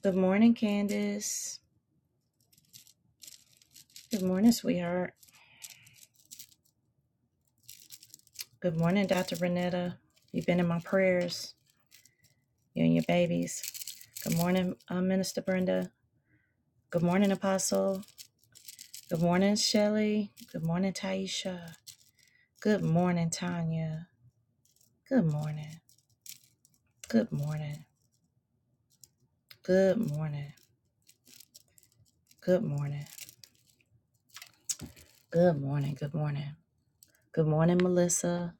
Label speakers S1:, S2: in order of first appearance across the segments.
S1: Good morning, Candace. Good morning, sweetheart. Good morning, Dr. Renetta. You've been in my prayers, you and your babies. Good morning, uh, Minister Brenda. Good morning, Apostle. Good morning, Shelley. Good morning, Taisha. Good morning, Tanya. Good morning. Good morning. Good morning. Good morning. Good morning. Good morning. Good morning, Melissa.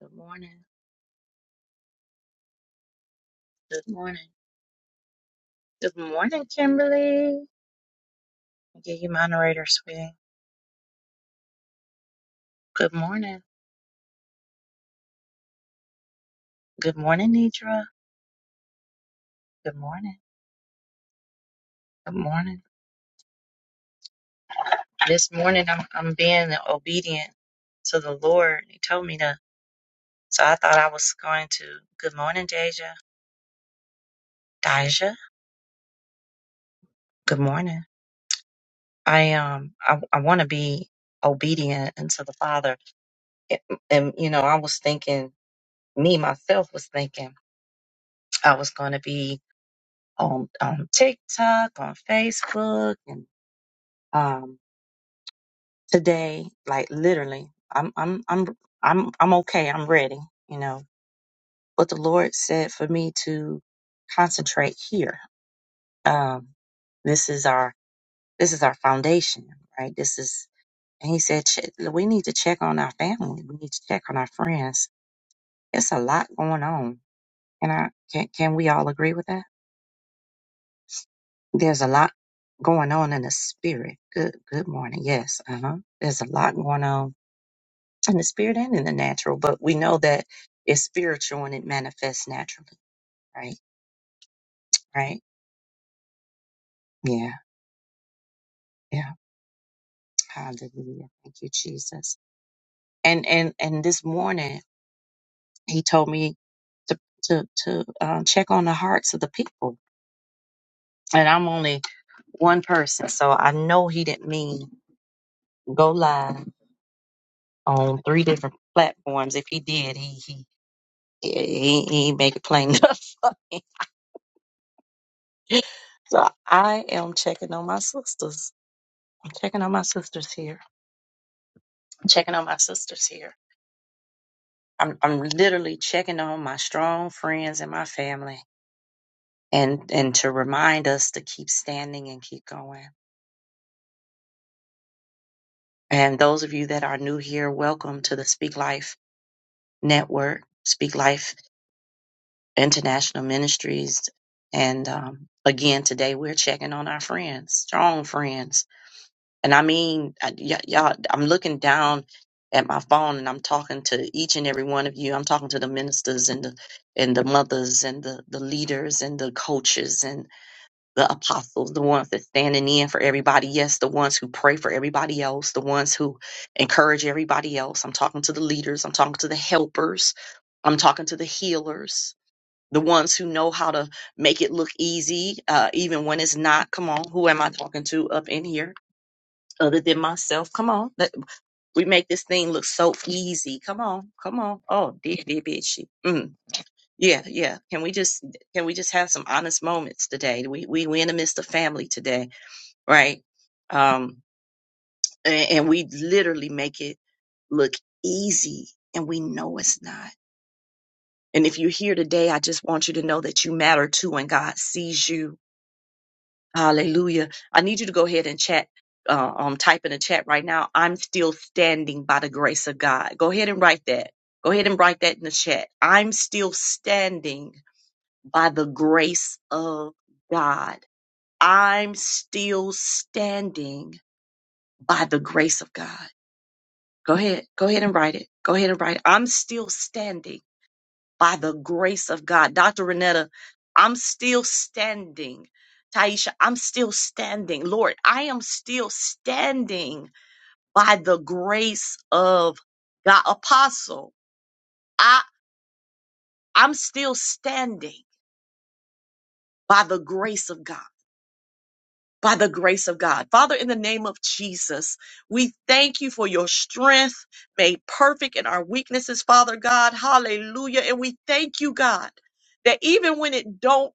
S1: Good morning. Good morning. Good morning, Kimberly. I'll give you moderator, sweetie. Good morning. Good morning, Nidra. Good morning. Good morning. This morning I'm I'm being obedient to the Lord. He told me to. So I thought I was going to. Good morning, Deja. Deja. Good morning. I um I I want to be obedient unto the Father. And, and, you know, I was thinking, me myself was thinking I was going to be on on TikTok, on Facebook, and um today, like literally, I'm I'm I'm I'm I'm okay. I'm ready, you know. But the Lord said for me to concentrate here. Um, this is our this is our foundation, right? This is and He said "Che- we need to check on our family. We need to check on our friends. It's a lot going on, and I can can we all agree with that? There's a lot going on in the spirit. Good good morning. Yes, uh huh. There's a lot going on in the spirit and in the natural, but we know that it's spiritual and it manifests naturally, right? Right? Yeah, yeah. Hallelujah. Thank you, Jesus. And and and this morning he told me to to to um, check on the hearts of the people, and I'm only one person, so I know he didn't mean go live on three different platforms. If he did, he he he, he he make it plain enough. so I am checking on my sisters I'm checking on my sisters here. I'm checking on my sisters here. I'm I'm literally checking on my strong friends and my family and and to remind us to keep standing and keep going. And those of you that are new here, welcome to the Speak Life Network, Speak Life International Ministries. And um, again, today we're checking on our friends, strong friends And I mean, I, y- y'all, I'm looking down at my phone and I'm talking to each and every one of you. I'm talking to the ministers and the and the mothers and the, the leaders and the coaches and the apostles, the ones that standing in for everybody. Yes, the ones who pray for everybody else, the ones who encourage everybody else. I'm talking to the leaders. I'm talking to the helpers. I'm talking to the healers, the ones who know how to make it look easy, uh, even when it's not. Come on, who am I talking to up in here? other than myself. Come on. Let, we make this thing look so easy. Come on. Come on. Oh, dear, dear, bitchy. Mm. Yeah, yeah. Can we just can we just have some honest moments today? We we we in the midst of family today, right? Um, and, and we literally make it look easy, and we know it's not. And if you're here today, I just want you to know that you matter too, and God sees you Hallelujah. I need you to go ahead and chat, uh, um, type in the chat right now. I'm still standing by the grace of God. Go ahead and write that. Go ahead and write that in the chat. I'm still standing by the grace of God. I'm still standing by the grace of God. Go ahead. Go ahead and write it. Go ahead and write it. I'm still standing by the grace of God. Dr. Renetta, I'm still standing. Taisha, I'm still standing. Lord, I am still standing by the grace of God. Apostle, I, I'm still standing by the grace of God. By the grace of God. Father, in the name of Jesus, we thank you for your strength made perfect in our weaknesses, Father God. Hallelujah. And we thank you, God, that even when it don't,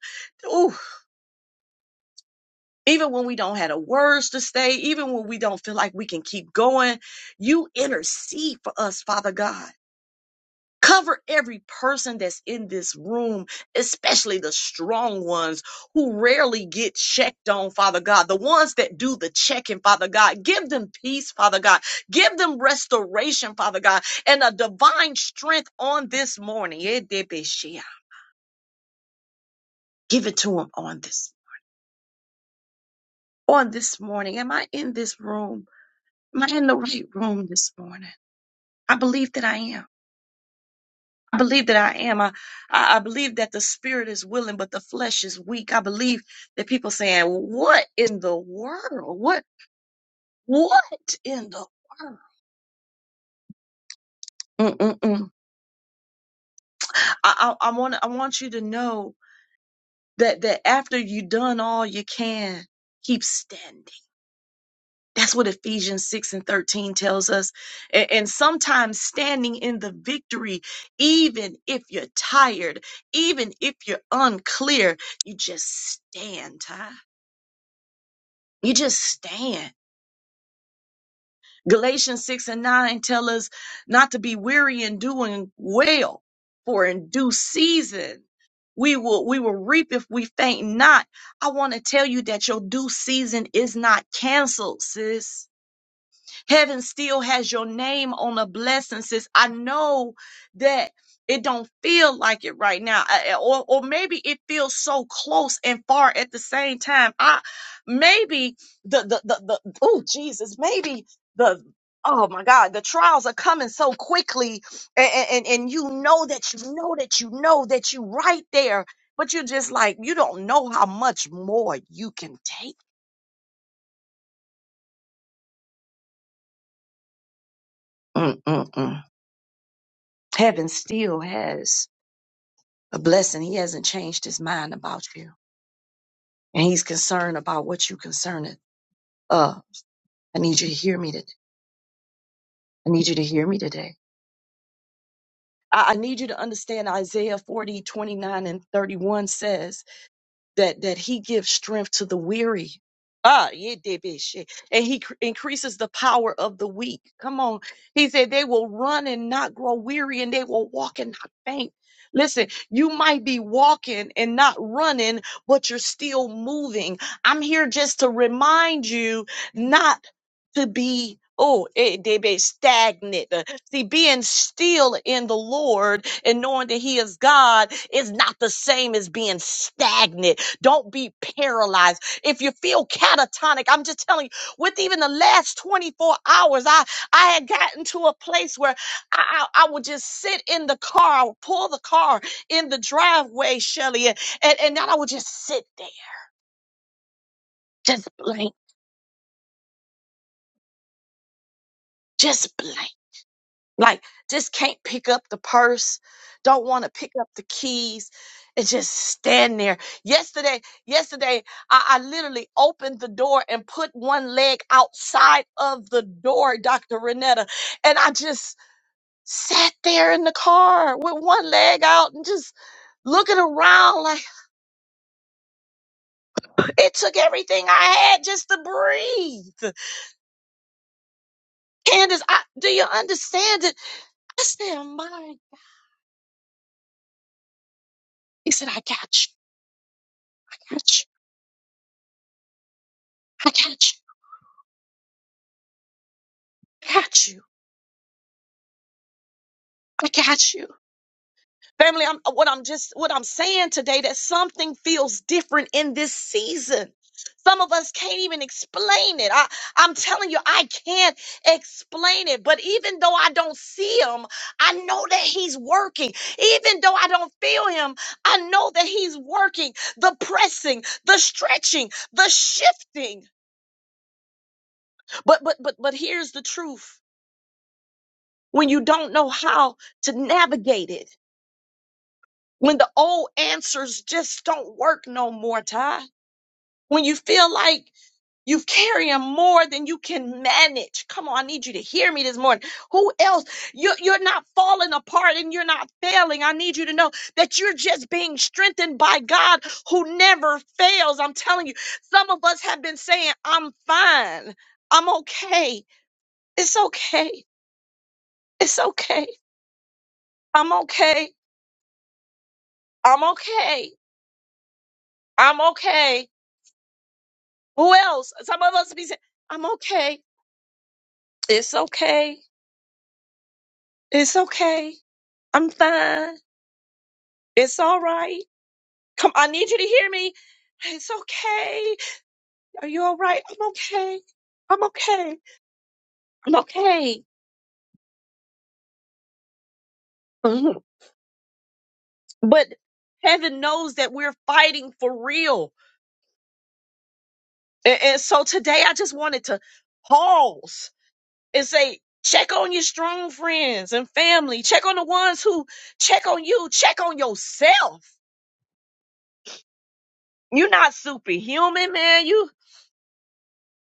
S1: ooh. even when we don't have the words to say, even when we don't feel like we can keep going, you intercede for us, Father God. Cover every person that's in this room, especially the strong ones who rarely get checked on, Father God. The ones that do the checking, Father God. Give them peace, Father God. Give them restoration, Father God, and a divine strength on this morning. Give it to them on this on this morning. Am I in this room? Am I in the right room this morning? I believe that I am. I believe that I am. I, I I believe that the spirit is willing, but the flesh is weak. I believe that people saying, "Well, "What in the world? What? What in the world?" Mm-mm-mm. I, I, I want I want you to know that that after you done all you can, keep standing That's what Ephesians 6 and 13 tells us. A- And, sometimes standing in the victory, even if you're tired, even if you're unclear, you just stand, Ty. You just stand. Galatians 6 and 9 tell us not to be weary in doing well, for in due season we will we will reap if we faint not. I want to tell you that your due season is not canceled, sis Heaven still has your name on a blessing, sis. I know that it don't feel like it right now, I- I- or or maybe it feels so close and far at the same time. I maybe the the the, the oh Jesus, maybe the oh my God, the trials are coming so quickly, and, and and you know that you know that you know that you right there, but you're just like you don't know how much more you can take. Mm-mm-mm. Heaven still has. a blessing. He hasn't changed his mind about you. And he's concerned about what you concerned. Uh, I need you to hear me today. I need you to hear me today. I, I need you to understand Isaiah 40 29 and 31 says, that that he gives strength to the weary ah yeah they be shit. and he cr- increases the power of the weak come on he said they will run and not grow weary and they will walk and not faint Listen, you might be walking and not running, but you're still moving. I'm here just to remind you not to be oh eh, they be stagnant Uh, see being still in the lord and knowing that he is god is not the same as being stagnant don't be paralyzed if you feel catatonic i'm just telling you with even the last 24 hours i i had gotten to a place where i i, I would just sit in the car i would pull the car in the driveway shelly and, and and then i would just sit there just blank just blank Like, just can't pick up the purse, don't want to pick up the keys, and just stand there. Yesterday, yesterday, I, I literally opened the door and put one leg outside of the door, Dr. Renetta, and I just sat there in the car with one leg out and just looking around like it took everything I had just to breathe. Candace, I, do you understand it? I said, "Oh my. He said, I got you. I got you. I got you. got you. I got you. Family, I'm, what I'm just, what I'm saying today that something feels different in this season. Some of us can't even explain it. I, I'm telling you, I can't explain it. But even though I don't see him, I know that he's working. Even though I don't feel him, I know that he's working. The pressing, the stretching, the shifting. But but but but here's the truth. When you don't know how to navigate it, when the old answers just don't work no more, Ty. When you feel like you're carrying more than you can manage. Come on, I need you to hear me this morning. Who else? You're, you're not falling apart and you're not failing. I need you to know that you're just being strengthened by God who never fails. I'm telling you, some of us have been saying, I'm fine. I'm okay. It's okay. It's okay. I'm okay. I'm okay. I'm okay. Who else? Some of us be saying, I'm okay. It's okay. It's okay. I'm fine. It's all right. Come, I need you to hear me. It's okay. Are you all right? I'm okay. I'm okay. I'm okay. Mhm. But heaven knows that we're fighting for real. And, and so today I just wanted to pause and say, check on your strong friends and family. Check on the ones who check on you. Check on yourself You're not superhuman, man. You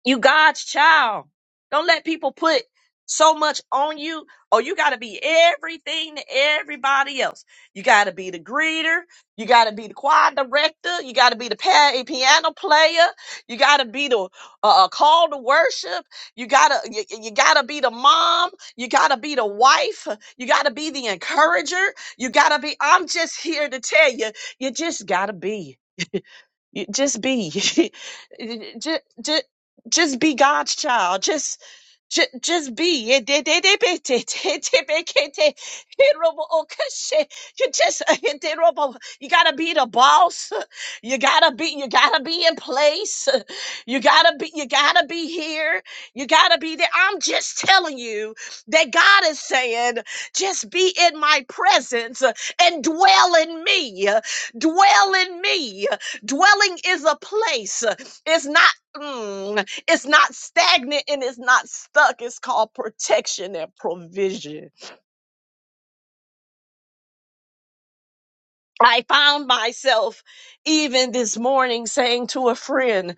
S1: you God's child. Don't let people put so much on you. Oh, you gotta be everything to everybody else. You gotta be the greeter. You gotta be the choir director. You gotta be the pa- piano player. You gotta be the uh, call to worship. You gotta you, you gotta be the mom. You gotta be the wife. You gotta be the encourager. You gotta be. I'm just here to tell you. You just gotta be. You- Just be. just, just, just be God's child. Just just, just be. You just you gotta be the boss. You gotta be you gotta be in place. You gotta be you gotta be here. You gotta be there. I'm just telling you that God is saying, just be in my presence and dwell in me. Dwell in me. Dwelling is a place. It's not mm, it's not stagnant and it's not stuck. It's called protection and provision. I found myself even this morning saying to a friend,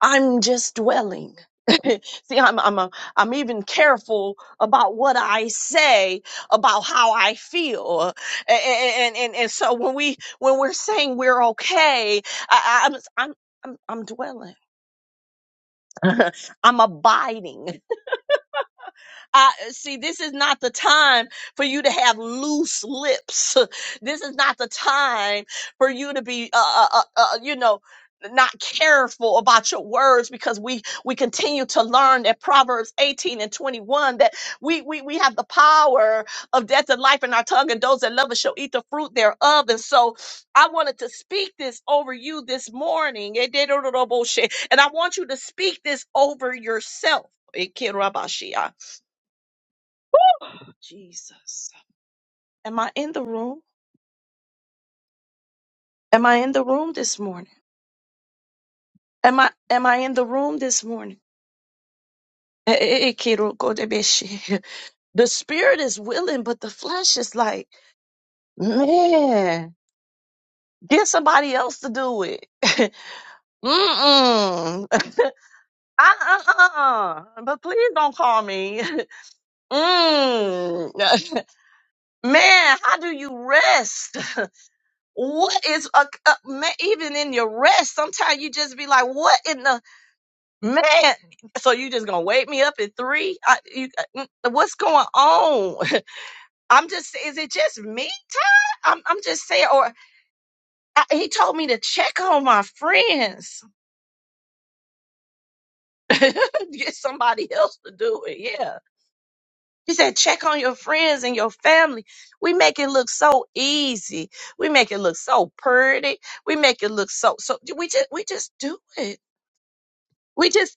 S1: I'm just dwelling. See, I'm I'm a, I'm even careful about what I say about how I feel, A- a- a- and and and so when we when we're saying we're okay, I, I- I'm I'm I'm I'm dwelling. I'm abiding. I see, this is not the time for you to have loose lips. This is not the time for you to be, uh, uh, uh, uh, you know, not careful about your words because we we continue to learn that proverbs 18 and 21 that we we, we have the power of death and life in our tongue and those that love us shall eat the fruit thereof and so i wanted to speak this over you this morning and i want you to speak this over yourself Jesus. Am I in the room? Am I in the room this morning? Am I am I in the room this morning? Eh, eh, eh, Kiro Kodebeshi. The spirit is willing, but the flesh is like, man, get somebody else to do it. Mm-mm. Uh-uh-uh. But please don't call me. Mm. Man, how do you rest? What is a, a man, even in your rest? Sometimes you just be like, "What in the?" Man, so you just gonna wake me up at three? I, you, uh, mm, what's going on? I'm just, is it just me, Todd? I'm, I'm just saying, or I, he told me to check on my friends, get somebody else to do it. Yeah. He said, check on your friends and your family. We make it look so easy. We make it look so pretty. We make it look so, so we just, we just do it. We just,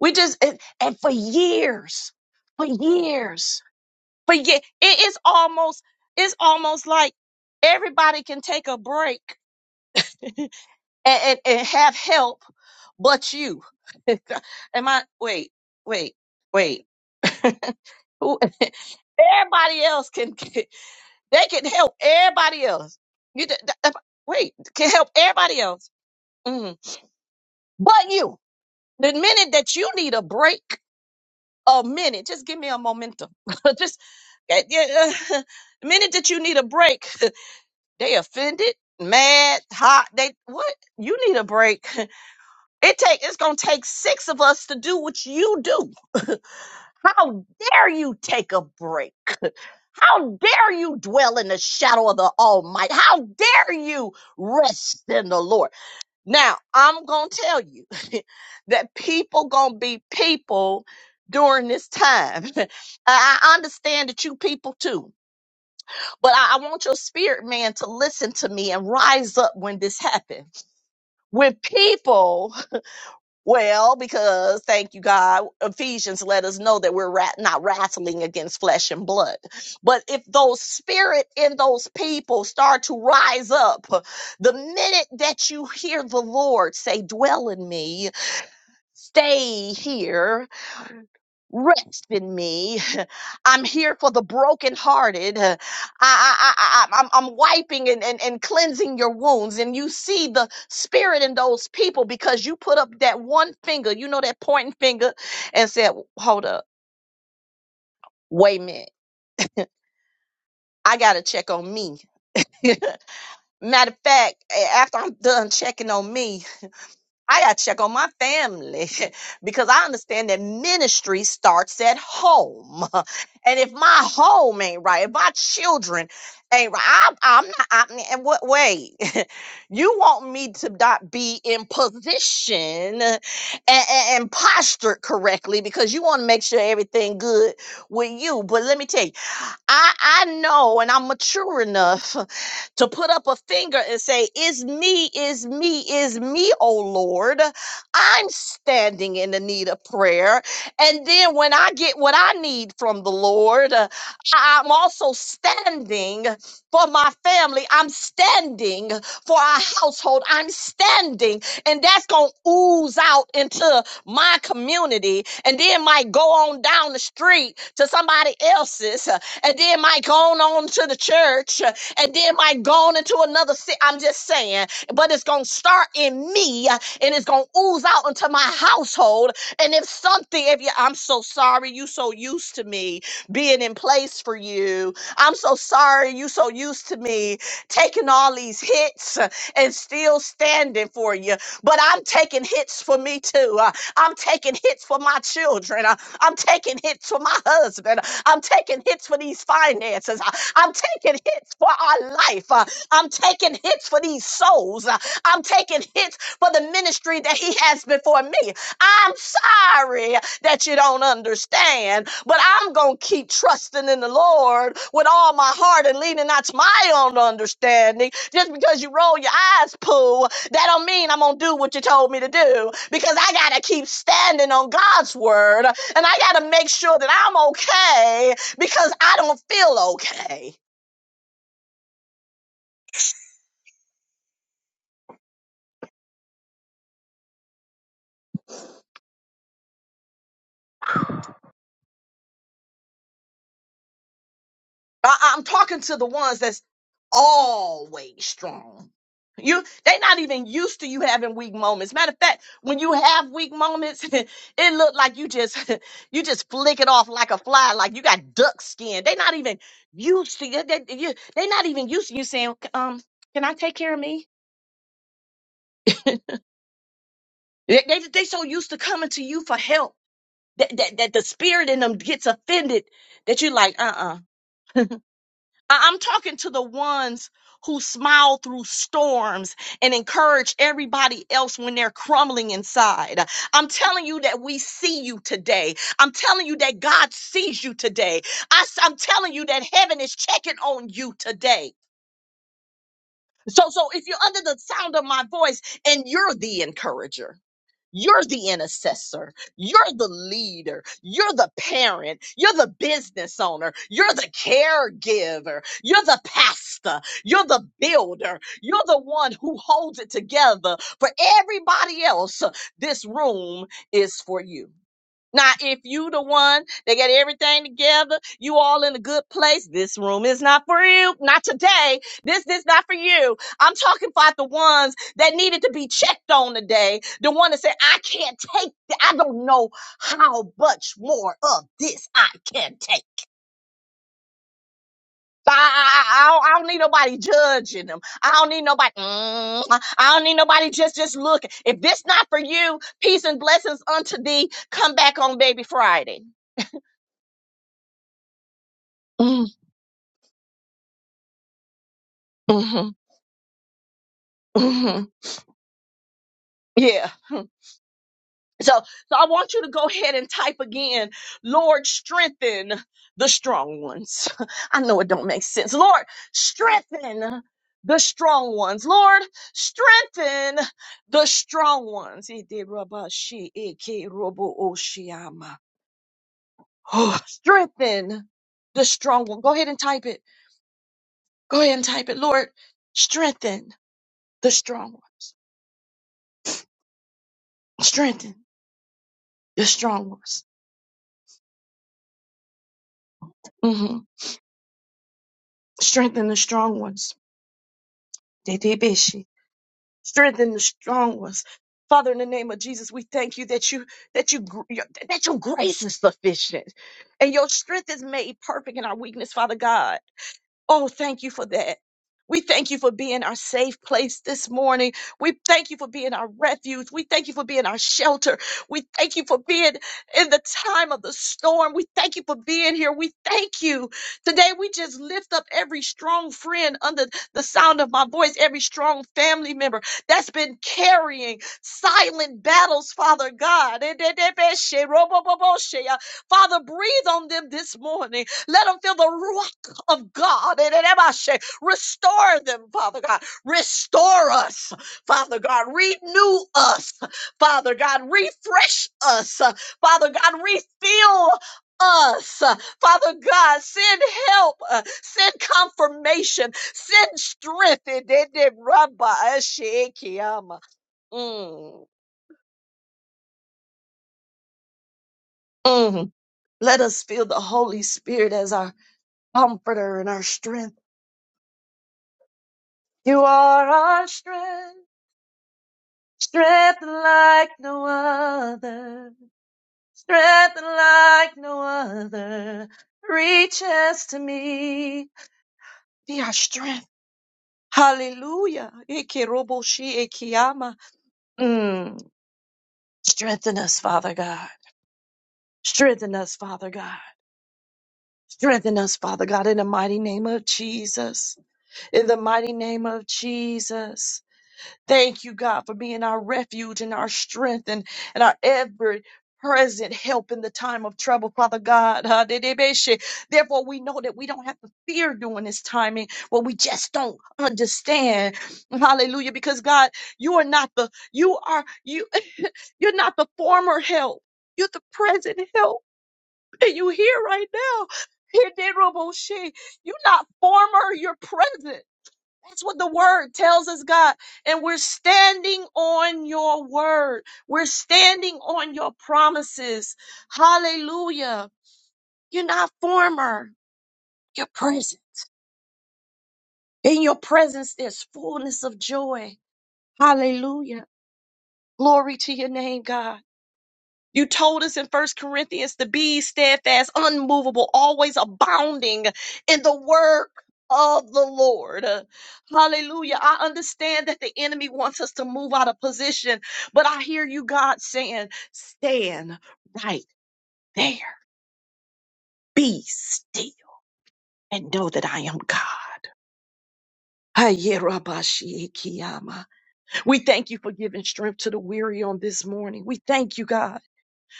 S1: we just, and, and for years, for years. But yeah, it is almost it's almost like everybody can take a break and, and, and have help but you. Am I wait, wait, wait. Who everybody else can can- they can help everybody else. You d- d- wait, can help everybody else. Mhm. But you. The minute that you need a break, a minute, just give me a momentum. just eh, yeah, uh, the minute that you need a break, They offended, mad, hot. They what? You need a break. It take it's gonna take six of us to do what you do. How dare you take a break? How dare you dwell in the shadow of the Almighty? How dare you rest in the Lord? Now I'm gonna tell you that people gonna be people during this time. I I understand that you people too, but I, I want your spirit man to listen to me and rise up when this happens with people well because thank you god ephesians let us know that we're rat- not wrestling against flesh and blood but if those spirit in those people start to rise up the minute that you hear the lord say dwell in me stay here Rest in me. I'm here for the brokenhearted. Uh, I, I, I, I, am I'm I'm wiping and, and, and cleansing your wounds. And you see the spirit in those people because you put up that one finger, you know, that pointing finger, and said, Hold up, wait a minute. I got to check on me. Matter of fact, a- after I'm done checking on me, I got to check on my family because I understand that ministry starts at home. And if my home ain't right, if my children ain't right, I'm, I'm not, I'm, in what way? you want me to not be in position and, and postured correctly because you want to make sure everything good with you. But let me tell you, I, I know and I'm mature enough to put up a finger and say, Is me, is me, is me, oh Lord. I'm standing in the need of prayer. And then when I get what I need from the Lord, uh, I- I'm also standing for my family. I'm standing for our household. I'm standing. And that's going to ooze out into my community and then might go on down the street to somebody else's and then might go on, to the church, uh, and then might go on into another city. I'm just saying, but it's going to start in me uh, and it's going to ooze out into my household. And if something, if you, I'm so sorry, you so used to me being in place for you. I'm so sorry, you so used to me taking all these hits uh, and still standing for you. But I'm taking hits for me too. Uh, I'm taking hits for my children. Uh, I'm taking hits for my husband. I'm taking hits for these finances. Uh, I'm taking hits for our life. Uh, I'm taking hits for these souls. Uh, I'm taking hits for the ministry that he has before me. I'm sorry that you don't understand, but I'm going to keep trusting in the Lord with all my heart and leaning not to my own understanding. Just because you roll your eyes, Pooh, that don't mean I'm going to do what you told me to do because I got to keep standing on God's word and I got to make sure that I'm okay because I don't feel okay. I- I'm talking to the ones that's always strong. You they not even used to you having weak moments. Matter of fact, when you have weak moments, it look like you just you just flick it off like a fly, like you got duck skin. They not even used to they, they, you- they not even used to you saying, um, can I take care of me? They, they they so used to coming to you for help that, that, that the spirit in them gets offended that you're like, uh-uh. I- I'm talking to the ones who smile through storms and encourage everybody else when they're crumbling inside. I'm telling you that we see you today. I'm telling you that God sees you today. I, am telling you that heaven is checking on you today. So, so if you're under the sound of my voice and you're the encourager, You're the intercessor. You're the leader. You're the parent. You're the business owner. You're the caregiver. You're the pastor. You're the builder. You're the one who holds it together for everybody else. This room is for you. Now, if you the one that got everything together, you all in a good place. This room is not for you. Not today. This this not for you. I'm talking about the ones that needed to be checked on today. The one that said, I can't take th- I don't know how much more of this I can take. I, I, I don't, I don't need nobody judging them. I don't need nobody. Mm, I don't need nobody just just looking. If this not for you, peace and blessings unto thee. Come back on baby Friday. hmm hmm Yeah. So, so I want you to go ahead and type again, Lord, strengthen the strong ones. I know it don't make sense. Lord, strengthen the strong ones. Lord, strengthen the strong ones. Ede raba shi eke robo oshiyama. Oh, strengthen the strong one. Go ahead and type it. Go ahead and type it. Lord, strengthen the strong ones. Strengthen the strong ones. Strengthen the strong ones. Detebeshi. Strengthen the strong ones. Father, in the name of Jesus, we thank you that you that you gr- your- that your grace is sufficient, and your strength is made perfect in our weakness, Father God. Oh, thank you for that. We thank you for being our safe place this morning. We thank you for being our refuge. We thank you for being our shelter. We thank you for being in the time of the storm. We thank you for being here. We thank you. Today, we just lift up every strong friend under the sound of my voice, every strong family member that's been carrying silent battles, Father God. Father, breathe on them this morning. Let them feel the ruach of God. And I say, Restore them, Father God. Restore us, Father God. Renew us, Father God. Refresh us, uh, Father God. Refill us, uh, Father God. Send help, uh, send confirmation, send strength. uh, Mm, mm. Let us feel the Holy Spirit as our comforter and our strength. You are our strength. Strength like no other, strength like no other reaches to me. Be our strength. Hallelujah. Ike robo shi ike yama. Mm. Strengthen us, Father God. Strengthen us, Father God. Strengthen us, Father God, in the mighty name of Jesus. In the mighty name of Jesus. Thank you, God, for being our refuge and our strength and, and our ever present help in the time of trouble, Father God. Ha-de-de-be-she. Therefore, we know that we don't have to fear during this timing, but we just don't understand. Hallelujah. Because God, you are not the, you are, you, you're not the former help. You're the present help. And you here right now. You're not former, you're present. That's what the word tells us, God. And we're standing on your word. We're standing on your promises. Hallelujah. You're not former, you're present. In your presence, there's fullness of joy. Hallelujah. Glory to your name, God. You told us in First Corinthians to be steadfast, unmovable, always abounding in the work of the Lord. Hallelujah. I understand that the enemy wants us to move out of position, but I hear you, God, saying, stand right there. Be still and know that I am God. Ayerabashikiyama. We thank you for giving strength to the weary on this morning. We thank you, God.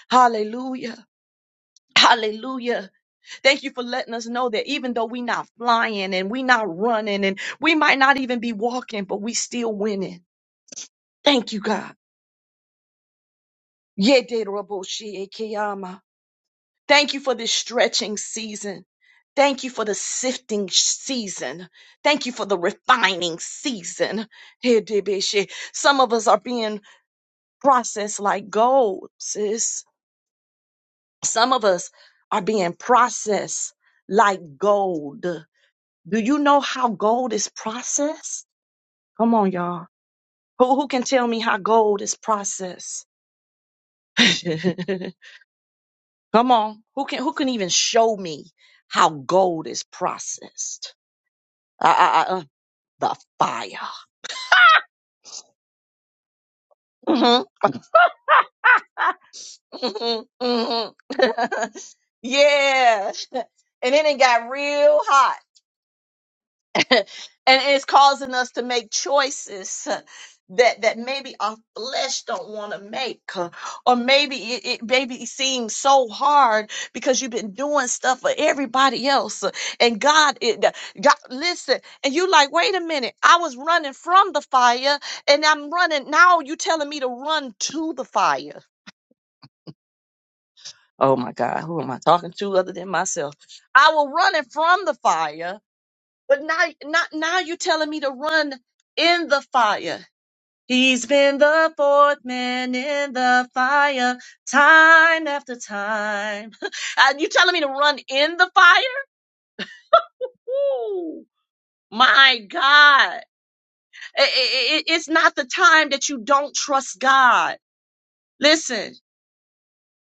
S1: Hallelujah. Hallelujah. Thank you for letting us know that even though we're not flying and we're not running and we might not even be walking, but we still winning. Thank you, God. Yederoboshiekeyama. Thank you for this stretching season. Thank you for the sifting season. Thank you for the refining season. Hedebeshe. Some of us are being processed like gold, sis. Some of us are being processed like gold. Do you know how gold is processed? Come on, y'all. Who who can tell me how gold is processed? Come on. Who can who can even show me how gold is processed? Uh, uh, uh, uh, the fire. Mhm. Mhm. Mhm. yeah. And then it got real hot. and it's causing us to make choices uh, that that maybe our flesh don't want to make uh, or maybe it, it maybe it seems so hard because you've been doing stuff for everybody else uh, and god it uh, god listen and you like wait a minute i was running from the fire and i'm running now you telling me to run to the fire oh my god who am i talking to other than myself i was running from the fire but now, not now you're telling me to run in the fire. He's been the fourth man in the fire time after time. and you telling me to run in the fire? Woo, my God. I- I- I- it's not the time that you don't trust God. Listen.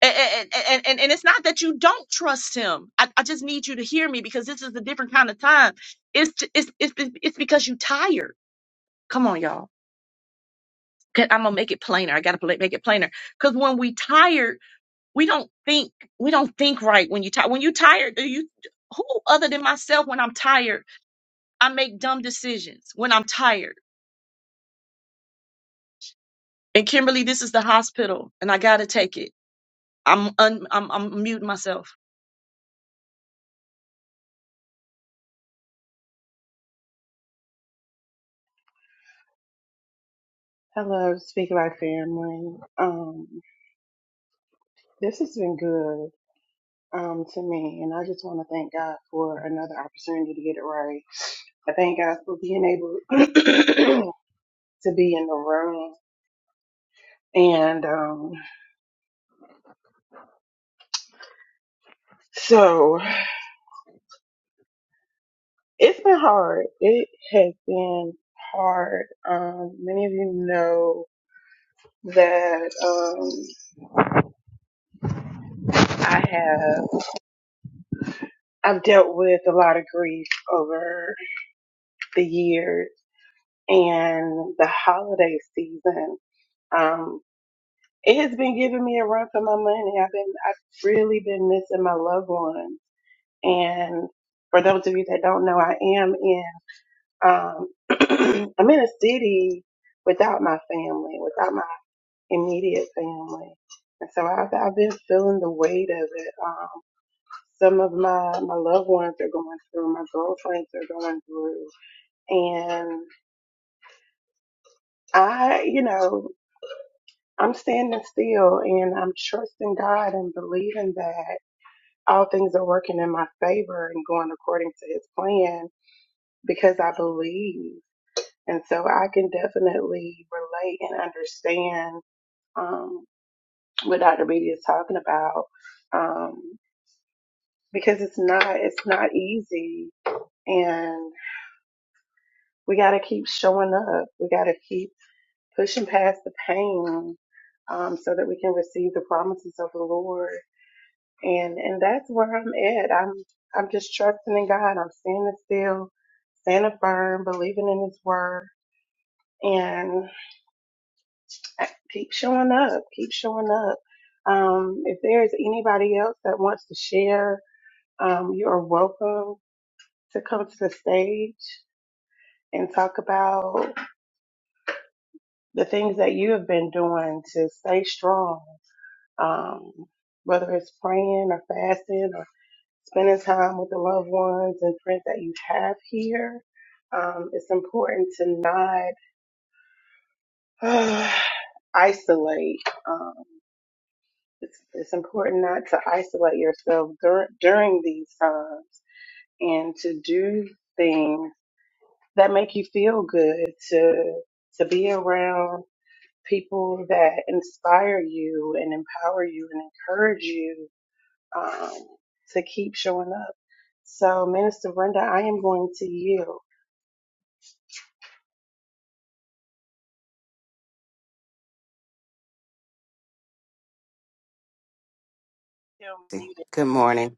S1: a- a- a- And, and, and it's not that you don't trust him. I, I just need you to hear me because this is a different kind of time. It's, it's, it's, it's because you're tired. Come on, y'all 'Kay, I'm gonna make it plainer. I gotta pla- make it plainer. Cause when we tired, we don't think we don't think right. When you tired, when you tired, do you who other than myself? When I'm tired, I make dumb decisions. When I'm tired, and Kimberly, this is the hospital, and I gotta take it. I'm un, I'm I'm muting myself.
S2: Hello, Speak Life family. Um, this has been good um, to me, and I just want to thank God for another opportunity to get it right. I thank God for being able to be in the room. And um, so it's been hard. It has been hard. Um, many of you know that um, I have I've dealt with a lot of grief over the years and the holiday season. Um, it has been giving me a run for my money. I've been, I've really been missing my loved ones. And for those of you that don't know, I am in, um, I'm in a city without my family, without my immediate family. And so I've, I've been feeling the weight of it. Um, some of my, my loved ones are going through, my girlfriends are going through, and I, you know, I'm standing still and I'm trusting God and believing that all things are working in my favor and going according to his plan because I believe. And so I can definitely relate and understand um, what Dr. Beatty is talking about um, because it's not it's not easy and we got to keep showing up. We got to keep pushing past the pain um, so that we can receive the promises of the Lord. And and that's where I'm at. I'm I'm just trusting in God. I'm standing still, standing firm, believing in His word, and I keep showing up. Keep showing up. Um, if there is anybody else that wants to share, um, you are welcome to come to the stage and talk about the things that you have been doing to stay strong. Um, whether it's praying or fasting or. spending time with the loved ones and friends that you have here. Um, it's important to not isolate. Um, it's, it's important not to isolate yourself dur- during these times and to do things that make you feel good, to, to be around people that inspire you and empower you and encourage you um, to keep showing up. So, Minister Brenda, I am going to yield. Still muted,
S3: Good morning.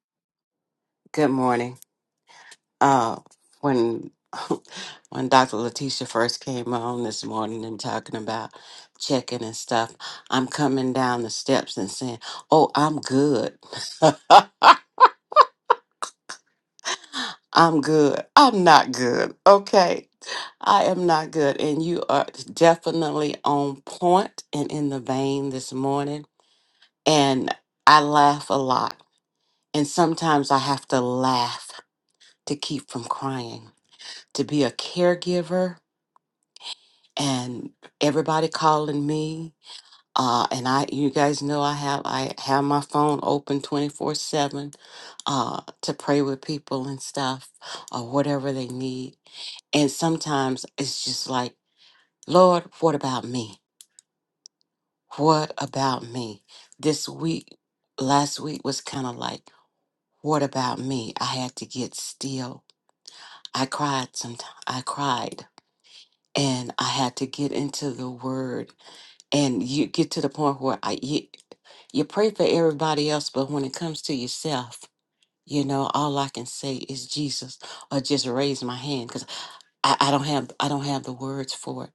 S3: Good morning. Uh, when when Dr. Letitia first came on this morning and talking about checking and stuff, I'm coming down the steps and saying, "Oh, I'm good. I'm good. I'm not good. Okay, I am not good." And you are definitely on point and in the vein this morning. And I laugh a lot, and sometimes I have to laugh to keep from crying to be a caregiver and everybody calling me uh and i you guys know i have i have my phone open 24 7 uh to pray with people and stuff or whatever they need and sometimes it's just like lord what about me what about me this week last week was kind of like what about me i had to get still i cried sometimes i cried and i had to get into the word and you get to the point where I, you you pray for everybody else, but when it comes to yourself, you know, all I can say is Jesus, or just raise my hand because I, I don't have I don't have the words for it.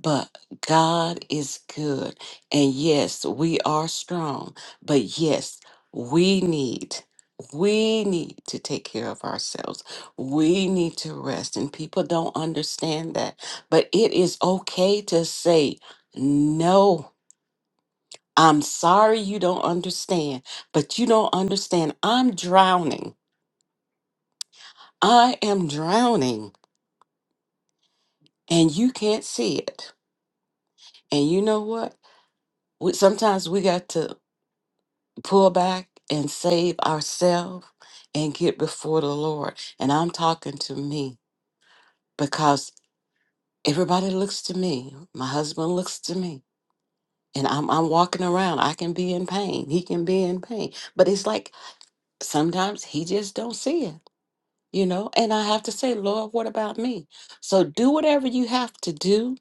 S3: But God is good, and yes, we are strong, but yes, we need. We need to take care of ourselves. We need to rest. And people don't understand that. But it is okay to say no I'm sorry you don't understand, but you don't understand. I'm drowning. I am drowning, and you can't see it. And you know what? We, sometimes we got to pull back and save ourselves and get before the Lord. And I'm talking to me because everybody looks to me. My husband looks to me. And I'm, I'm walking around. I can be in pain. He can be in pain. But it's like sometimes he just don't see it you know, and I have to say, Lord, what about me? So do whatever you have to do.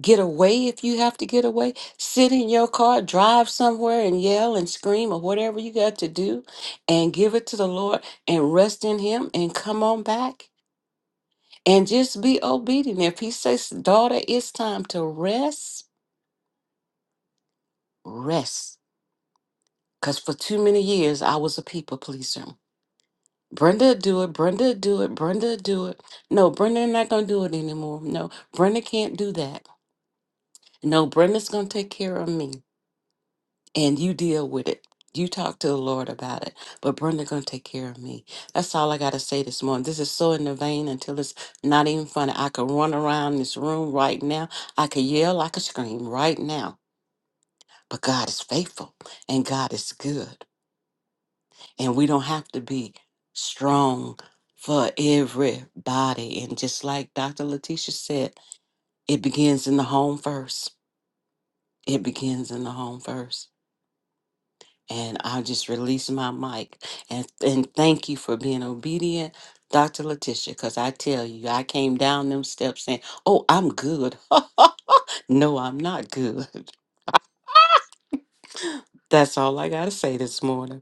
S3: Get away if you have to get away. Sit in your car, drive somewhere and yell and scream or whatever you got to do and give it to the Lord and rest in Him and come on back and just be obedient. If He says, daughter, it's time to rest, rest. Because for too many years, I was a people pleaser. Brenda do it, Brenda do it, Brenda do it. No, Brenda not gonna do it anymore. No, Brenda can't do that. No, Brenda's gonna take care of me and you deal with it. You talk to the Lord about it, but Brenda gonna take care of me. That's all I gotta say this morning. This is so in the vein until it's not even funny. I could run around this room right now. I could yell, I could scream right now. But God is faithful and God is good. and we don't have to be strong for everybody. And just like Dr. Letitia said, it begins in the home first. It begins in the home first. And I'll just release my mic and and thank you for being obedient, Dr. Letitia, because I tell you, I came down them steps saying, Oh, I'm good. no, I'm not good. That's all I gotta say this morning.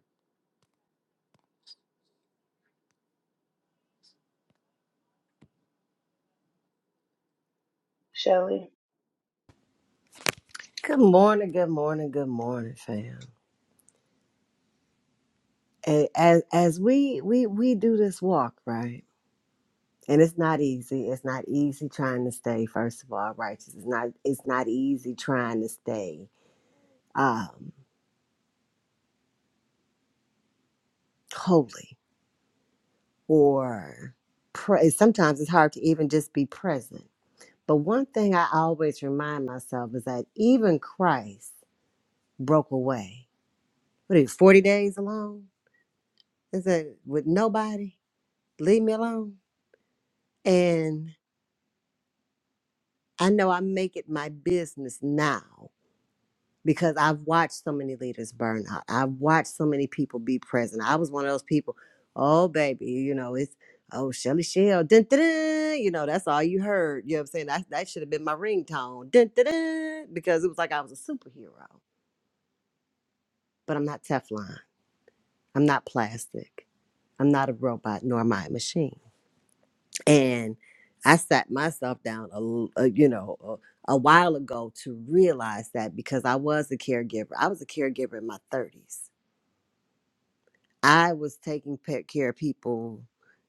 S2: Shelley.
S4: Good morning, good morning, good morning, fam. And as as we we we do this walk, right? And it's not easy. It's not easy trying to stay, first of all, righteous. It's not it's not easy trying to stay um holy or pre- sometimes it's hard to even just be present. But one thing I always remind myself is that even Christ broke away. What is it, 40 days alone? Is that with nobody? Leave me alone. And I know I make it my business now because I've watched so many leaders burn out. I've watched so many people be present. I was one of those people, oh, baby, you know, it's, oh, Shelly Shell, dun, dun, dun," you know, that's all you heard. You know what I'm saying? That, that should have been my ringtone, dun, dun, dun, because it was like I was a superhero. But I'm not Teflon. I'm not plastic. I'm not a robot, nor am I a machine. And I sat myself down, a, l- a- you know, a, a while ago to realize that because I was a caregiver. I was a caregiver in my 30s. I was taking pe- care of people,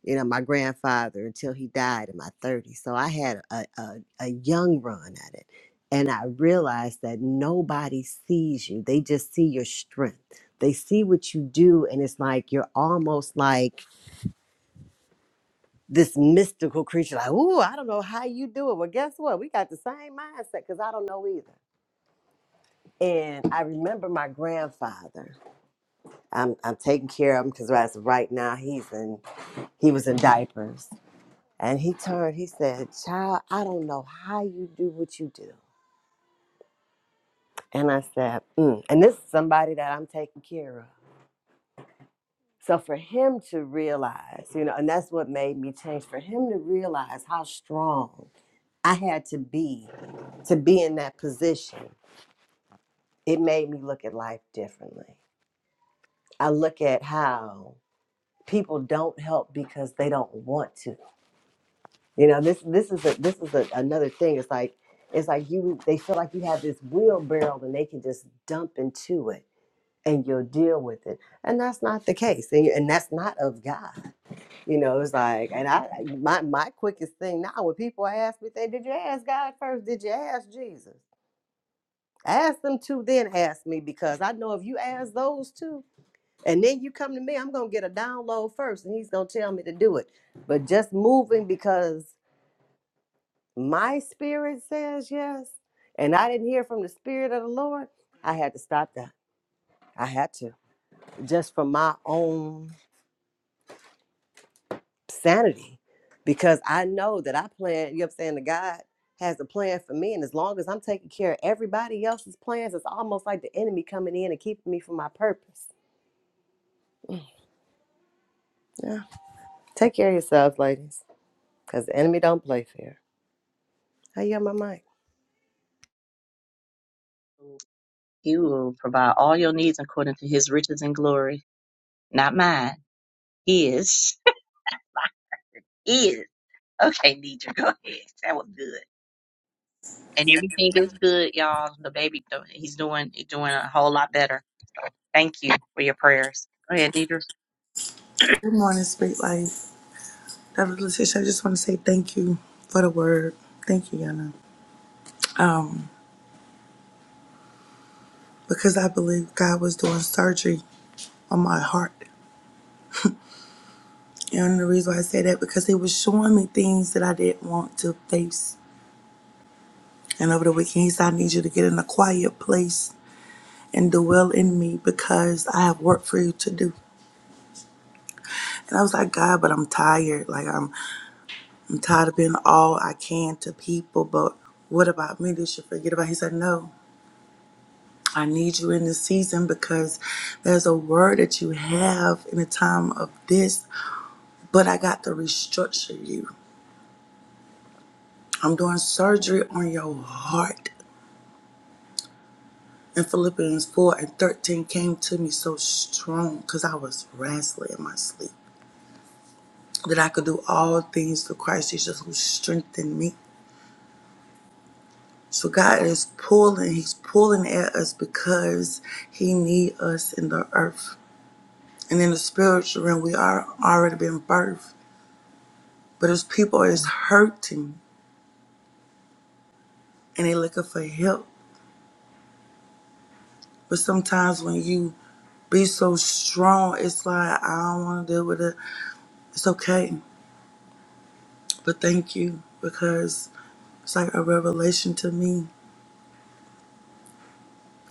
S4: you know, my grandfather until he died in my 30s. So I had a, a, a young run at it. And I realized that nobody sees you, they just see your strength. They see what you do, and it's like you're almost like, this mystical creature, like, ooh, I don't know how you do it. Well, guess what? We got the same mindset because I don't know either. And I remember my grandfather. I'm, I'm taking care of him because right right now he's in he was in diapers. And he turned, he said, Child, I don't know how you do what you do. And I said, mm. and this is somebody that I'm taking care of. So for him to realize, you know, and that's what made me change, for him to realize how strong I had to be to be in that position. It made me look at life differently. I look at how people don't help because they don't want to. You know, this this is a this is a, another thing. It's like it's like you they feel like you have this wheelbarrow and they can just dump into it and you'll deal with it. And that's not the case. And, and that's not of God. You know, it's like and I my my quickest thing now when people ask me, they did you ask God first? Did you ask Jesus? Ask them two, then ask me because I know if you ask those two and then you come to me, I'm gonna get a download first and he's gonna tell me to do it. But just moving because my spirit says yes and I didn't hear from the spirit of the Lord, I had to stop that. I had to just for my own sanity because I know that I plan, you know what I'm saying, that God has a plan for me. And as long as I'm taking care of everybody else's plans, it's almost like the enemy coming in and keeping me from my purpose. Take care of yourselves, ladies, because the enemy don't play fair. How you on my mic?
S1: He will provide all your needs according to His riches and glory, not mine. His is okay. Nidra, go ahead. That was good. and everything is good, y'all. The baby, the- he's doing he's doing a whole lot better. So thank you for your prayers. Go ahead, Nidra.
S5: Good morning, Speak Life. Dr. Letitia, I just want to say thank you for the word. Thank you, Yana. Um, because I believe God was doing surgery on my heart. And the reason why I say that, because he was showing me things that I didn't want to face. And over the weekend, he said, I need you to get in a quiet place and dwell in me because I have work for you to do. And I was like, God, but I'm tired. Like, I'm, I'm tired of being all I can to people, but what about me? Did you forget about? He said, no. I need you in this season because there's a word that you have in a time of this, but I got to restructure you. I'm doing surgery on your heart. And Philippians 4 and 13 came to me so strong because I was wrestling in my sleep that I could do all things through Christ Jesus who strengthened me. So God is pulling, He's pulling at us because He needs us in the earth. And in the spiritual realm, we are already been birthed. But his people is hurting and they looking for help. But sometimes when you be so strong, it's like I don't want to deal with it. It's okay, but thank you because it's like a revelation to me.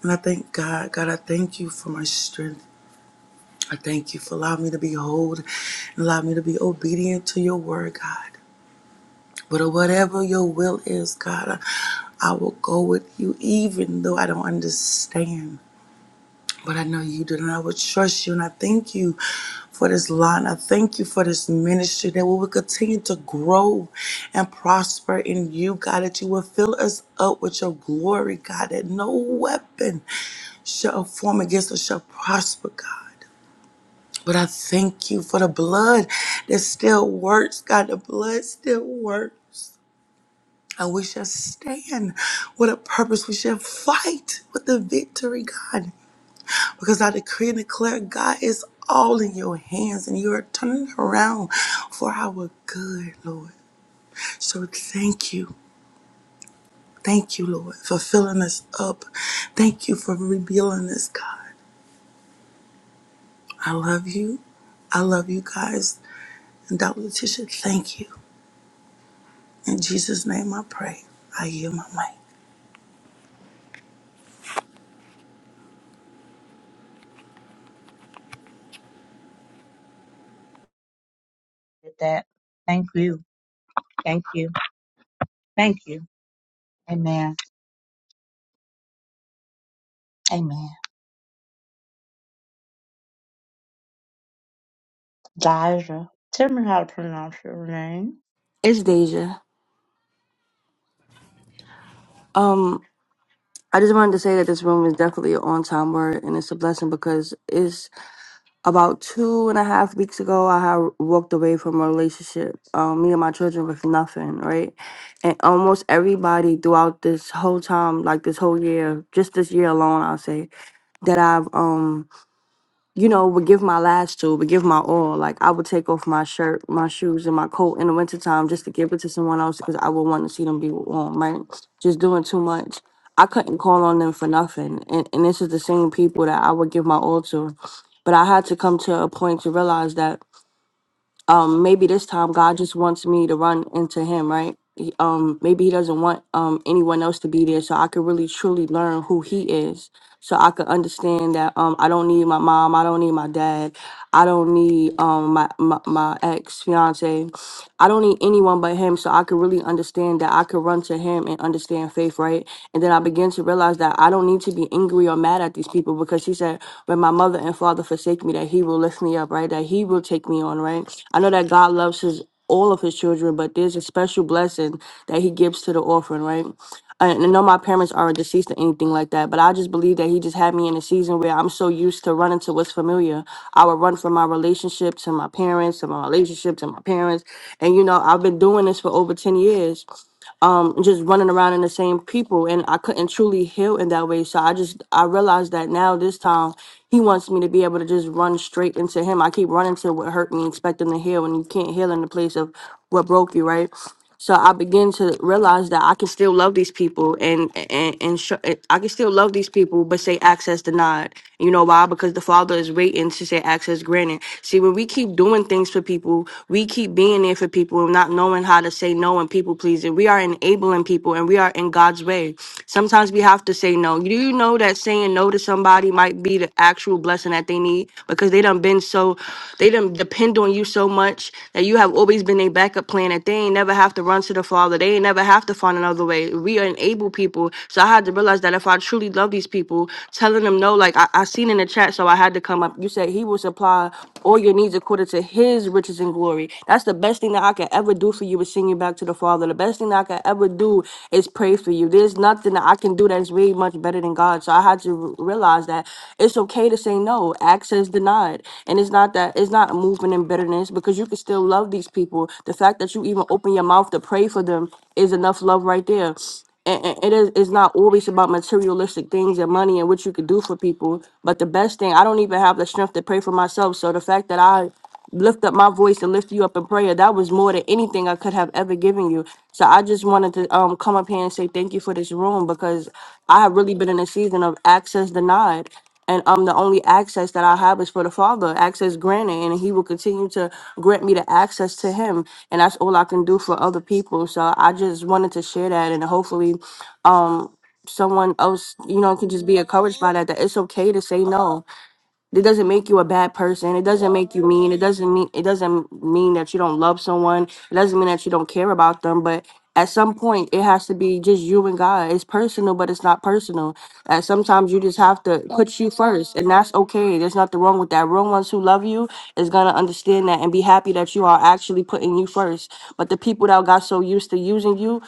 S5: And I thank God. God, I thank you for my strength. I thank you for allowing me to be whole and allow me to be obedient to your word, God. But whatever your will is, God, I, I will go with you even though I don't understand. But I know you do, and I would trust you. And I thank you for this line. I thank you for this ministry that we will continue to grow and prosper in you, God, that you will fill us up with your glory, God, that no weapon shall form against us shall prosper, God. But I thank you for the blood that still works, God. The blood still works. And we shall stand with a purpose. We shall fight with the victory, God. Because I decree and declare, God is all in your hands and you are turning it around for our good, Lord. So thank you. Thank you, Lord, for filling us up. Thank you for revealing us, God. I love you. I love you guys. And Dr. Letitia, thank you. In Jesus' name I pray. I yield my mic.
S1: Did that. Thank you. Thank you. Thank you. Amen. Amen. Dija, tell me how to pronounce your name.
S6: It's Deja. Um, I just wanted to say that this room is definitely an on-time word, and it's a blessing because it's about two and a half weeks ago I had walked away from a relationship, um, me and my children with nothing, right? And almost everybody throughout this whole time, like this whole year, just this year alone, I'll say that I've um you know, would give my last to, would give my all. Like I would take off my shirt, my shoes, and my coat in the wintertime just to give it to someone else because I would want to see them be warm, right? Just doing too much. I couldn't call on them for nothing. And and this is the same people that I would give my all to. But I had to come to a point to realize that um maybe this time god just wants me to run into him right He- um maybe he doesn't want um anyone else to be there so i could really truly learn who he is so i could understand that um i don't need my mom i don't need my dad i don't need um my my, my ex fiance i don't need anyone but him so i could really understand that i could run to him and understand faith right and then I began to realize that I don't need to be angry or mad at these people because she said, when my mother and father forsake me, that he will lift me up, right? That he will take me on, right? I know that God loves his all of his children, but there's a special blessing that he gives to the orphan, right? And I know my parents aren't deceased or anything like that, but I just believe that he just had me in a season where I'm so used to running to what's familiar. I would run from my relationship to my parents, to my relationship to my parents. And, you know, I've been doing this for over 10 years um just running around in the same people and I couldn't truly heal in that way. So I just I realized that now this time he wants me to be able to just run straight into him. I keep running to what hurt me, expecting to heal, and you can't heal in the place of what broke you, right? So I begin to realize that I can still love these people, and and and sh- I can still love these people, but say access denied. You know why? Because the Father is waiting to say access granted. See, when we keep doing things for people, we keep being being there for people and not knowing how to say no and people pleasing. We are enabling people and we are in God's way. Sometimes we have to say no. Do you know that saying no to somebody might be the actual blessing that they need because they done been so, they done depend on you so much that you have always been a backup plan that they ain't never have to run to the Father. They ain't never have to find another way. We are enable people. So I had to realize that if I truly love these people, telling them no, like I, I seen in the chat, so I had to come up. You said he was supply all your needs according to his riches and glory. That's the best thing that I could ever do for you is sing you back to the Father. The best thing that I could ever do is pray for you. There's nothing that I can do that's way much better than God. So I had to r- realize that it's okay to say no. Access denied. And it's not that it's not moving in bitterness because you can still love these people. The fact that you even open your mouth to pray for them is enough love right there and and it is it's not always about materialistic things and money and what you can do for people. But the best thing, I don't even have the strength to pray for myself. So the fact that I lift up my voice and lift you up in prayer, that was more than anything I could have ever given you. So I just wanted to um come up here and say thank you for this room because I have really been in a season of access denied and um the only access that I have is for the Father, access granted, and He will continue to grant me the access to Him, and that's all I can do for other people. So I just wanted to share that, and hopefully, um, someone else, you know, can just be encouraged by that. That it's okay to say no it doesn't make you a bad person. It doesn't make you mean. It doesn't mean it doesn't mean that you don't love someone. It doesn't mean that you don't care about them. But at some point, it has to be just you and God. It's personal, but it's not personal. And sometimes you just have to put you first, and that's okay. There's nothing wrong with that. Real ones who love you is gonna understand that and be happy that you are actually putting you first. But the people that got so used to using you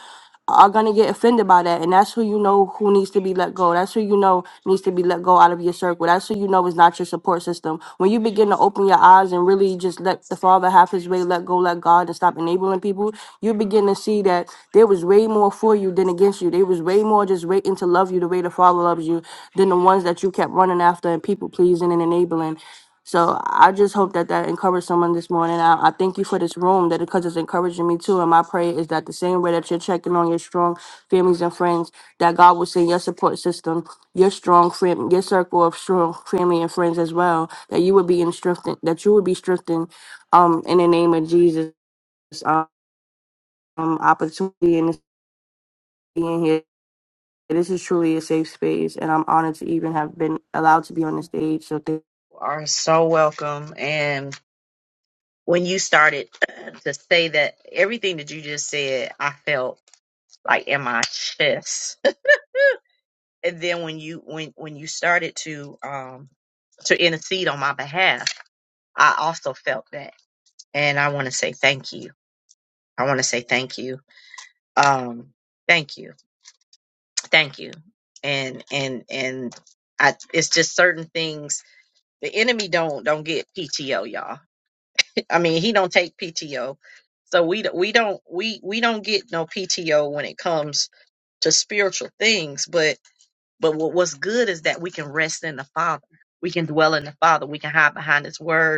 S6: are gonna get offended by that. And that's who you know who needs to be let go. That's who you know needs to be let go out of your circle. That's who you know is not your support system. When you begin to open your eyes and really just let the Father have his way, let go, let God and stop enabling people, you begin to see that there was way more for you than against you. There was way more just waiting to love you the way the Father loves you than the ones that you kept running after and people pleasing and enabling. So I just hope that that encouraged someone this morning. I, I thank you for this room that because it's encouraging me too. And my prayer is that the same way that you're checking on your strong families and friends, that God will send your support system, your strong friend, your circle of strong family and friends as well. That you would be in strengthened, that you would be strengthened, um, in the name of Jesus. Um, opportunity and being here. This is truly a safe space, and I'm honored to even have been allowed to be on the stage. So thank.
S1: You Are so welcome. And when you started uh, to say that, everything that you just said, I felt like in my chest. and then when you when when you started to um to intercede on my behalf I also felt that. And I want to say thank you. I want to say thank you. Um, thank you. Thank you. And, and, and I, it's just certain things the enemy don't, don't get PTO y'all. I mean, he don't take PTO. So we, d- we don't, we, we don't get no PTO when it comes to spiritual things. But, but what, what's good is that we can rest in the father. We can dwell in the father. We can hide behind his word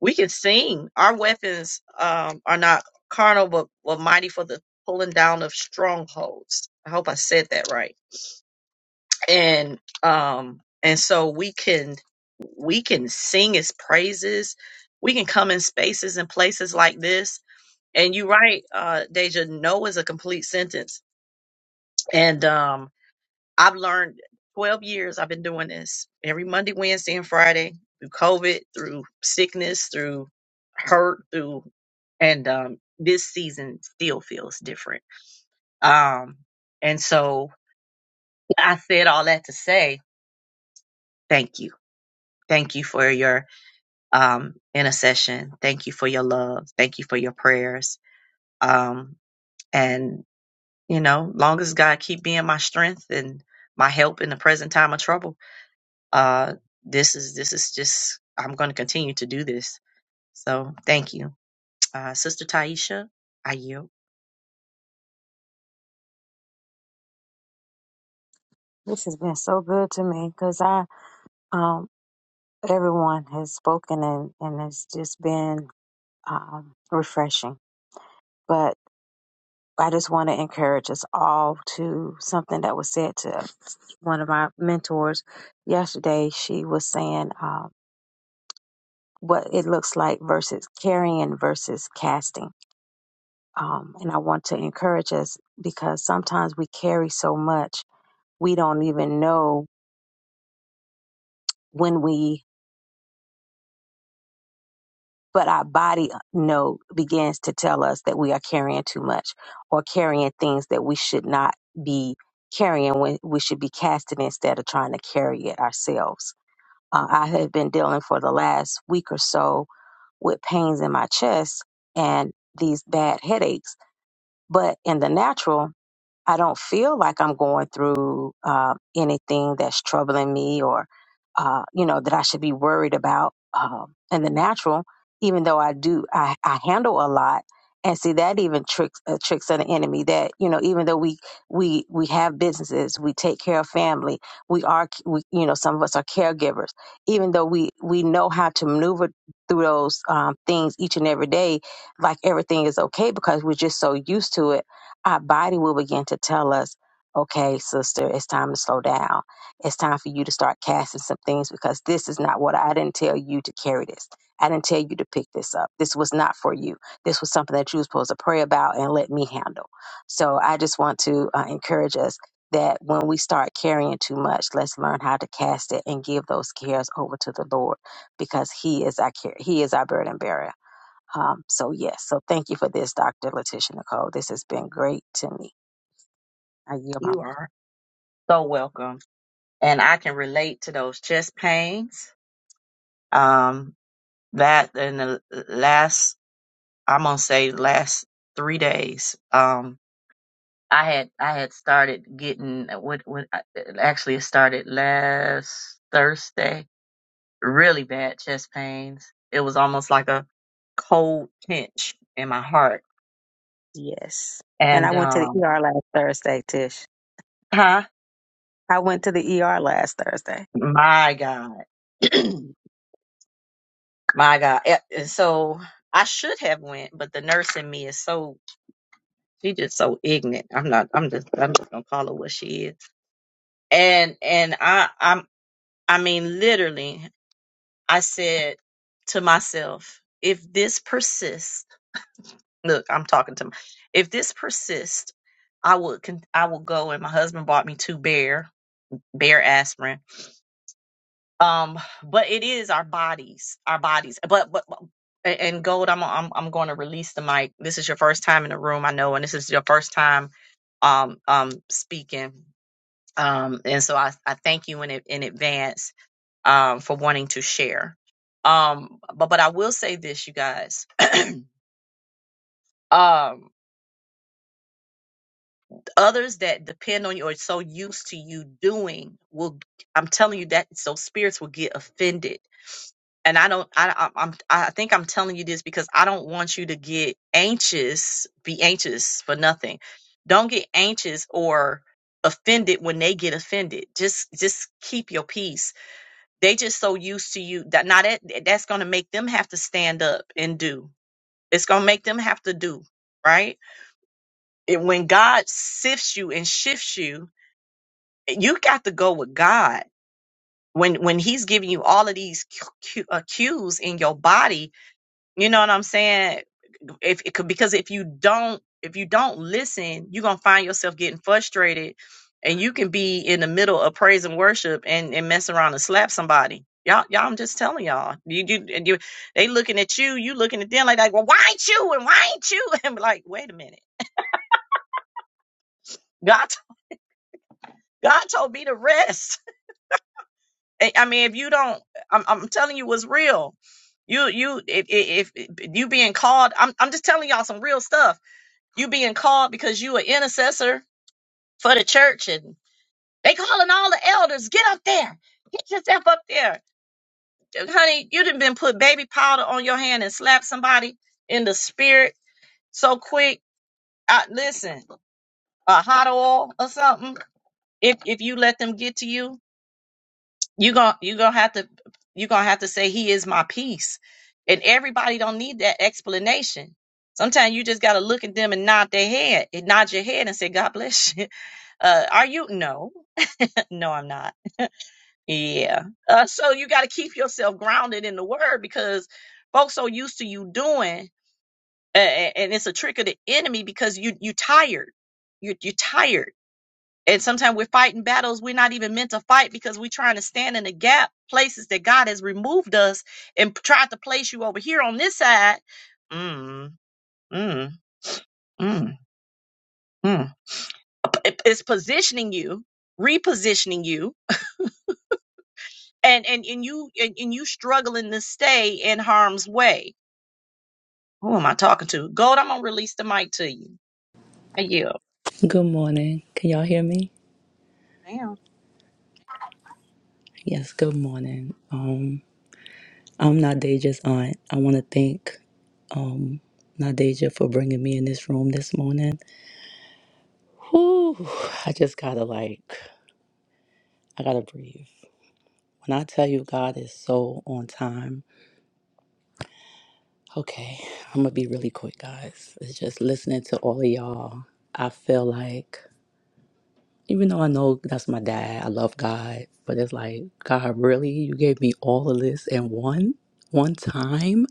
S1: We can sing. Our weapons um, are not carnal, but, but mighty for the pulling down of strongholds. I hope I said that right. And um, and so we can we can sing His praises. We can come in spaces and places like this. And you're right, uh, Deja. No is a complete sentence. And um, I've learned 12 years I've been doing this every Monday, Wednesday, and Friday through COVID, through sickness, through hurt, through, and um, this season still feels different. Um, and so I said all that to say thank you. Thank you for your um, intercession. Thank you for your love. Thank you for your prayers. Um, and, you know, long as God keep being my strength and my help in the present time of trouble Uh, this is this is just I'm going to continue to do this. So thank you, uh, Sister Taisha. I yield.
S7: This has been so good to me because I, um, everyone has spoken and, and it's just been um, refreshing. But I just want to encourage us all to something that was said to one of my mentors yesterday. She was saying um, what it looks like versus carrying versus casting. Um, and I want to encourage us because sometimes we carry so much, we don't even know when we but our body no begins to tell us that we are carrying too much or carrying things that we should not be carrying when we should be casting instead of trying to carry it ourselves uh, i have been dealing for the last week or so with pains in my chest and these bad headaches but in the natural I don't feel like I'm going through uh, anything that's troubling me or, uh, you know, that I should be worried about um, in the natural, even though I do, I, I handle a lot. And see that even tricks uh, tricks of the enemy. That you know, even though we we we have businesses, we take care of family. We are, we, you know, some of us are caregivers. Even though we we know how to maneuver through those um, things each and every day, like everything is okay because we're just so used to it our body will begin to tell us, okay, sister, it's time to slow down. It's time for you to start casting some things because this is not what I didn't tell you to carry this. I didn't tell you to pick this up. This was not for you. This was something that you were supposed to pray about and let me handle. So I just want to uh, encourage us that when we start carrying too much, let's learn how to cast it and give those cares over to the Lord because He is our care. He is our burden bearer um, so yes, so thank you for this, Dr. Letitia Nicole. This has been great to me. I yield my
S1: You
S7: mic.
S1: are so welcome, and I can relate to those chest pains. Um, that in the last I'm gonna say last three days. Um, I had I had started getting uh, what what uh, actually it started last Thursday. Really bad chest pains. It was almost like a cold pinch in my heart
S7: Yes. And I
S1: And
S7: went to the
S1: um,
S7: ER last Thursday, Tish.
S1: huh?
S7: I went to the ER last Thursday.
S1: My God, my God. Yeah, And so I should have went, but the nurse in me is so she just so ignorant. I'm not. I'm just. I'm just gonna call her what she is. And and I I'm I mean literally I said to myself, if this persists, look, I'm talking to. My, if this persists, I would. con- I will go. And my husband bought me two bear bear aspirin um but it is our bodies our bodies but but but- and gold i'm i'm, I'm going to release the mic this is your first time in the room i know and this is your first time um um speaking um and so i i thank you in ad- in advance um for wanting to share um but but i will say this you guys um others that depend on you or so used to you doing will i'm telling you that so spirits will get offended and I don't, I, I, I'm, I think I'm telling you this because I don't want you to get anxious, be anxious for nothing. Don't get anxious or offended when they get offended. Just, just keep your peace. They just so used to you that now that that's going to make them have to stand up and do. It's going to make them have to do right. And when God sifts you and shifts you, you got to go with God. When when He's giving you all of these cu- cu- uh, cues in your body You know what I'm saying? If it could, because if you don't, if you don't listen, you're gonna find yourself getting frustrated, and you can be in the middle of praise and worship and and mess around and slap somebody. Y'all, y'all, I'm just telling y'all. You, you, and you they looking at you, you looking at them like, like, well, why ain't you and why ain't you? And be like, wait a minute, God, God told me to rest. I I mean, if you don't, I'm, I'm telling you what's real. You, you, if, if if you being called, I'm, I'm just telling y'all some real stuff You being called because you an intercessor for the church and they calling all the elders, get up there. Get yourself up there. Honey, you done been put baby powder on your hand and slapped somebody in the spirit so quick. I, listen, a hot oil or something. If if you let them get to you, you gon' you gonna have to you gonna have to say he is my peace. And everybody don't need that explanation. Sometimes you just gotta look at them and nod their head and nod your head and say, God bless you. Uh, are you? No. No, I'm not. Yeah. Uh, so you got to keep yourself grounded in the word because folks are used to you doing, a- a- and it's a trick of the enemy because you you tired. You you tired, and sometimes we're fighting battles we're not even meant to fight because we're trying to stand in the gap places that God has removed us and p- tried to place you over here on this side. Mm, mm, mm, mm. It- It's positioning you, repositioning you and and and you and, and you struggling to stay in harm's way. Who am I talking to? Gold, I'm gonna release the mic to you. I yield.
S8: Good morning. Can y'all hear me?
S1: Damn.
S8: Yes, good morning. Um, I'm Nadeja's aunt. I want to thank Nadeja for bringing me in this room this morning. Whew, I just gotta like, I gotta breathe. When I tell you God is so on time, okay, I'm gonna be really quick, guys. It's just listening to all of y'all. I feel like, even though I know that's my dad, I love God, but it's like, God, really? You gave me all of this in one? One time?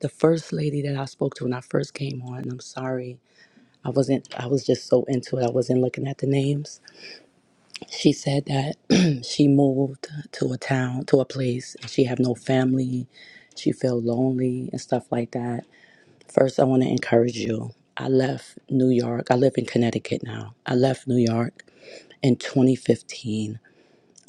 S8: the first lady that I spoke to when I first came on, and I'm sorry, I wasn't, I was just so into it, I wasn't looking at the names. She said that she moved to a town, to a place, and she have no family. She felt lonely and stuff like that. First, I want to encourage you. I left New York. I live in Connecticut now. I left New York in 2015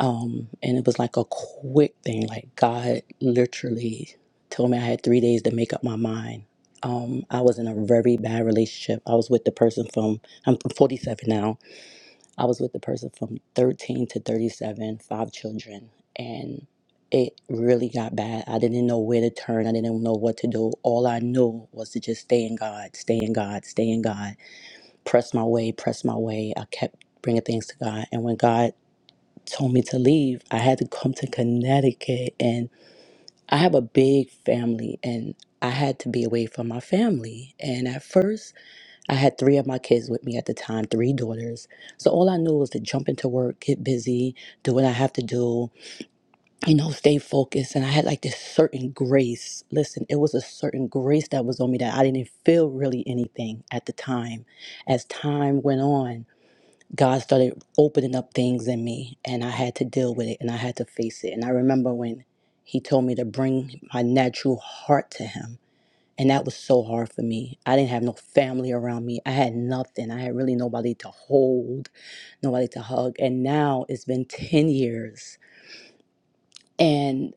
S8: Um, and it was like a quick thing. Like God literally told me I had three days to make up my mind. Um, I was in a very bad relationship. I was with the person from I'm 47 now. I was with the person from 13 to 37, five children, and it really got bad. I didn't know where to turn. I didn't know what to do. All I knew was to just stay in God, stay in God, stay in God. Press my way, press my way. I kept bringing things to God, and when God told me to leave, I had to come to Connecticut. And I have a big family, and I had to be away from my family. And at first, I had three of my kids with me at the time, three daughters. So all I knew was to jump into work, get busy, do what I have to do, you know, stay focused. And I had like this certain grace. Listen, it was a certain grace that was on me that I didn't feel really anything at the time. As time went on, God started opening up things in me, and I had to deal with it and I had to face it. And I remember when He told me to bring my natural heart to Him, and that was so hard for me. I didn't have no family around me, I had nothing. I had really nobody to hold, nobody to hug. And now it's been 10 years. and.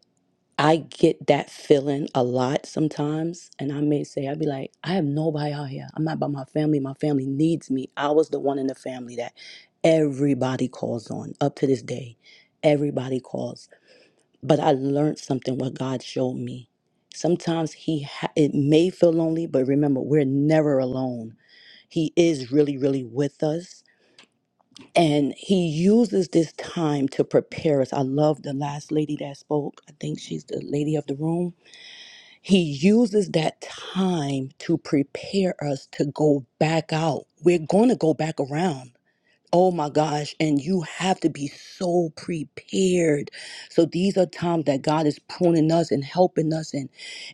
S8: I get that feeling a lot sometimes. And I may say, I'd be like, I have nobody out here. I'm not by my family. My family needs me. I was the one in the family that everybody calls on up to this day. Everybody calls. But I learned something what God showed me. Sometimes he ha- it may feel lonely, but remember, we're never alone. He is really, really with us. And he uses this time to prepare us. I love the last lady that spoke. I think she's the lady of the room he uses that time to prepare us to go back out. We're going to go back around. Oh my gosh. And you have to be so prepared. So these are times that God is pruning us and helping us. And,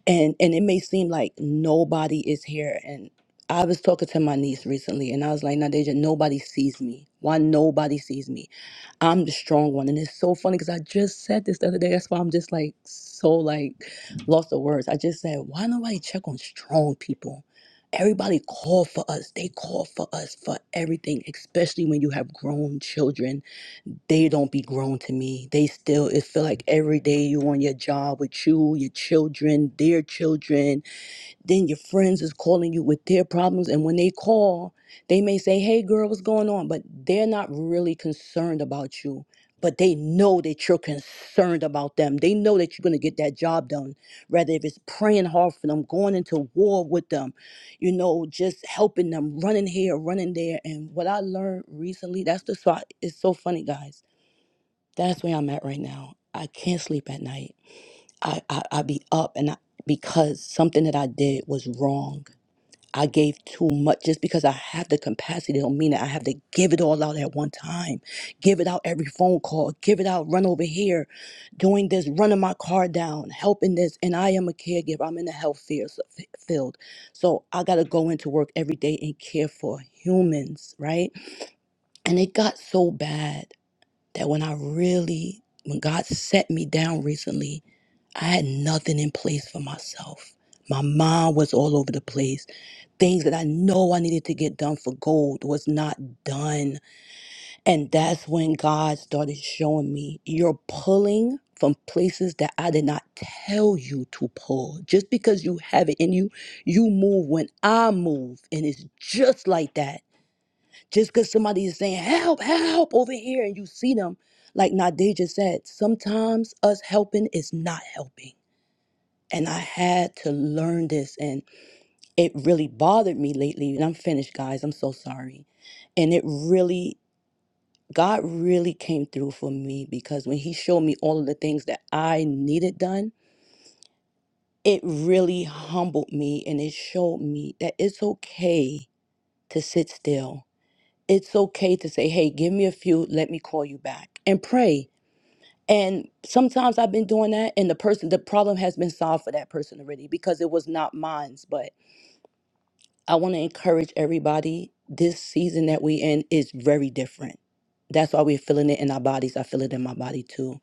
S8: and, and it may seem like nobody is here. And I was talking to my niece recently and I was like, Nadeja, nobody sees me. Why nobody sees me? I'm the strong one. And it's so funny because I just said this the other day. That's why I'm just like so like lost of words. I just said, why nobody check on strong people? Everybody call for us. They call for us for everything, especially when you have grown children. They don't be grown to me. They still it feel like every day you on your job with you, your children, their children then your friends is calling you with their problems and when they call they may say hey girl what's going on but they're not really concerned about you but they know that you're concerned about them they know that you're going to get that job done rather if it's praying hard for them going into war with them you know just helping them running here running there and what i learned recently that's the spot it's so funny guys that's where i'm at right now i can't sleep at night i i, I be up and i because something that i did was wrong I gave too much just because I have the capacity don't mean that I have to give it all out at one time. Give it out every phone call, give it out, run over here, doing this, running my car down, helping this. And I am a caregiver. I'm in the health field. field. So I gotta go into work every day and care for humans, right? And it got so bad that when I really when God set me down recently, I had nothing in place for myself. My mind was all over the place things that I know I needed to get done for gold was not done. And that's when God started showing me you're pulling from places that I did not tell you to pull. Just because you have it in you, you move when I move. And it's just like that. Just because somebody is saying, help, help over here, and you see them, like Nadeja said, sometimes us helping is not helping. And I had to learn this it really bothered me lately. And I'm finished, guys. I'm so sorry. And it really, God really came through for me because when He showed me all of the things that I needed done, it really humbled me and it showed me that it's okay to sit still. It's okay to say, hey, give me a few, let me call you back and pray. And sometimes I've been doing that, and the person, the problem has been solved for that person already because it was not mine. But I want to encourage everybody. This season that we in is very different. That's why we're feeling it in our bodies. I feel it in my body too,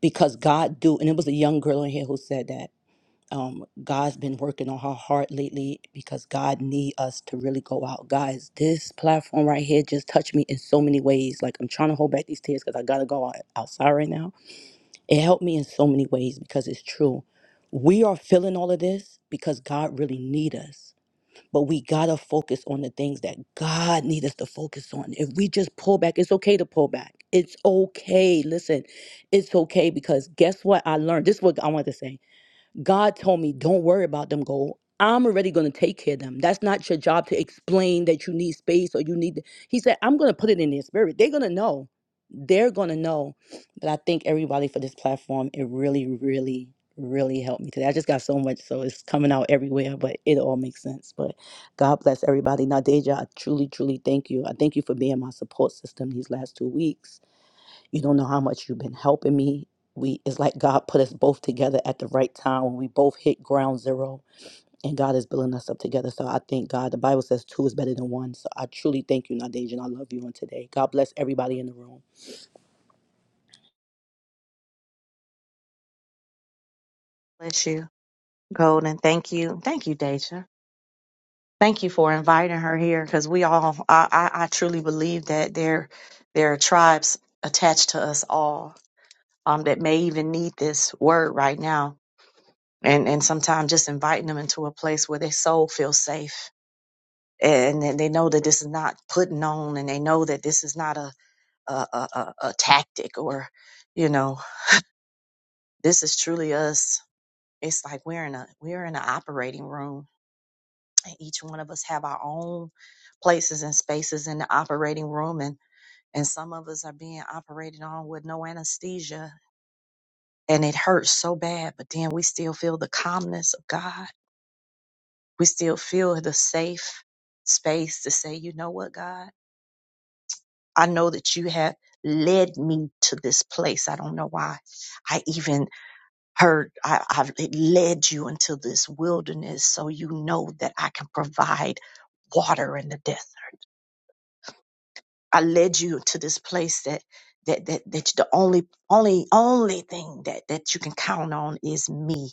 S8: because God do. And it was a young girl in here who said that um, God's been working on her heart lately because God need us to really go out, guys. This platform right here just touched me in so many ways. Like I'm trying to hold back these tears because I gotta go out, outside right now. It helped me in so many ways because it's true. We are feeling all of this because God really need us but we gotta focus on the things that God needs us to focus on. If we just pull back, it's okay to pull back. It's okay. Listen, it's okay because guess what I learned? This is what I want to say. God told me, don't worry about them, goal. I'm already going to take care of them. That's not your job to explain that you need space or you need. He said, I'm going to put it in their spirit. They're going to know. They're going to know. But I thank everybody for this platform. It really, really, really helped me today. I just got so much, so it's coming out everywhere, but it all makes sense. But God bless everybody. Now, Deja, I truly, truly thank you. I thank you for being my support system these last two weeks you don't know how much you've been helping me. We it's like God put us both together at the right time when we both hit ground zero and God is building us up together. So I thank God. The Bible says two is better than one. So I truly thank you, Nadeja, and I love you on today. God bless everybody in the room.
S1: Bless you, Golden. Thank you. Thank you, Deja. Thank you for inviting her here. I, I, I truly believe that there, there are tribes attached to us all um, that may even need this word right now. And, and sometimes just inviting them into a place where their soul feels safe. And then they know that this is not putting on, and they know that this is not a a, a, a, a tactic or you know this is truly us it's like we're in a we're in an operating room and each one of us have our own places and spaces in the operating room and and some of us are being operated on with no anesthesia and it hurts so bad but then we still feel the calmness of god we still feel the safe space to say you know what god i know that you have led me to this place i don't know why i even heard I, I've led you into this wilderness so you know that I can provide water in the desert. I led you to this place that that that that the only only only thing that that you can count on is me.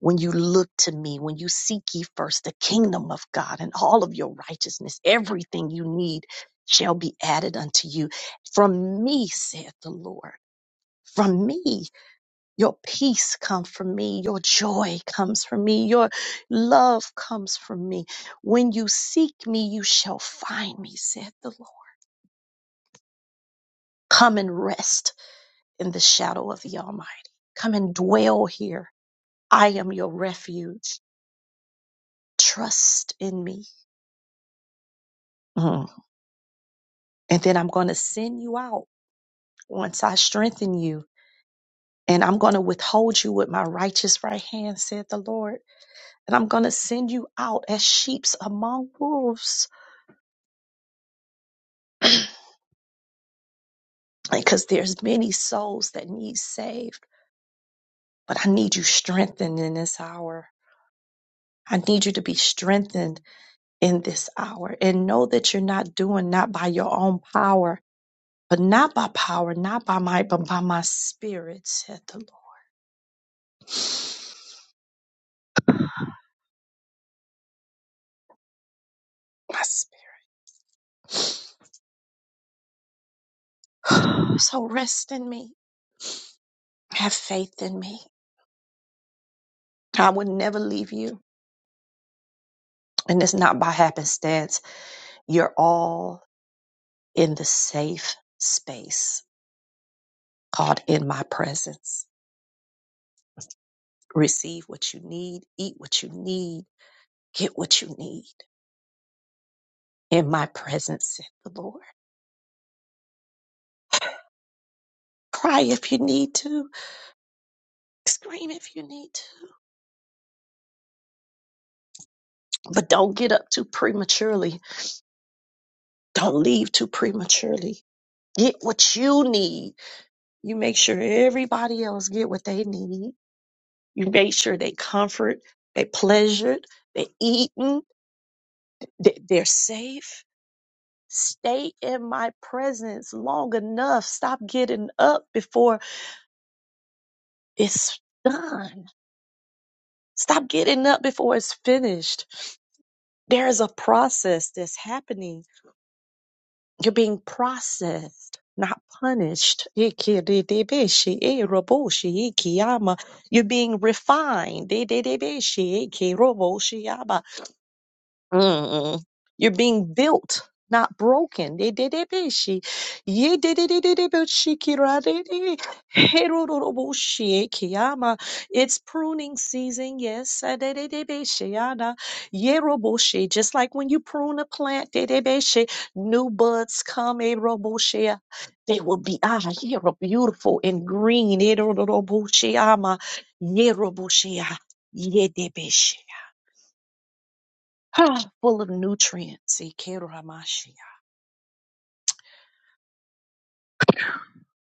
S1: When you look to me, when you seek ye first the kingdom of God and all of your righteousness, everything you need shall be added unto you. From me, saith the Lord. From me. Your peace comes from me. Your joy comes from me. Your love comes from me. When you seek me, you shall find me, said the Lord. Come and rest in the shadow of the Almighty. Come and dwell here. I am your refuge. Trust in me. Mm. And then I'm going to send you out once I strengthen you. And I'm going to withhold you with my righteous right hand, said the Lord. And I'm going to send you out as sheep among wolves. because there's many souls that need saved but i need you strengthened in this hour i need you to be strengthened in this hour and know that you're not doing not by your own power but not by power not by might but by my spirit said the lord my spirit so rest in me have faith in me i would never leave you and it's not by happenstance you're all in the safe space called In My Presence. Receive what you need, eat what you need, get what you need. In my presence, said the Lord. Cry if you need to, scream if you need to, but don't get up too prematurely. Don't leave too prematurely. Get what you need. You make sure everybody else get what they need. You make sure they comfort, they pleasured, they eaten, they- they're safe Stay in my presence long enough. Stop getting up before it's done. Stop getting up before it's finished. There is a process that's happening. You're being processed, not punished. You're being refined. Mm-mm. You're being built, not broken. Dididibishi. Yididididibishikiradi. Heroroboshiekiyama. It's pruning season, yes. Adididibishiyada. Yeroboshi. Just like when you prune a plant, didibishi, new buds come. Eroboshi. They will be ah, yero- beautiful and green. Eroroboshiyama. Yeroboshi. Yedibishi. full of nutrients. Ikeramashi.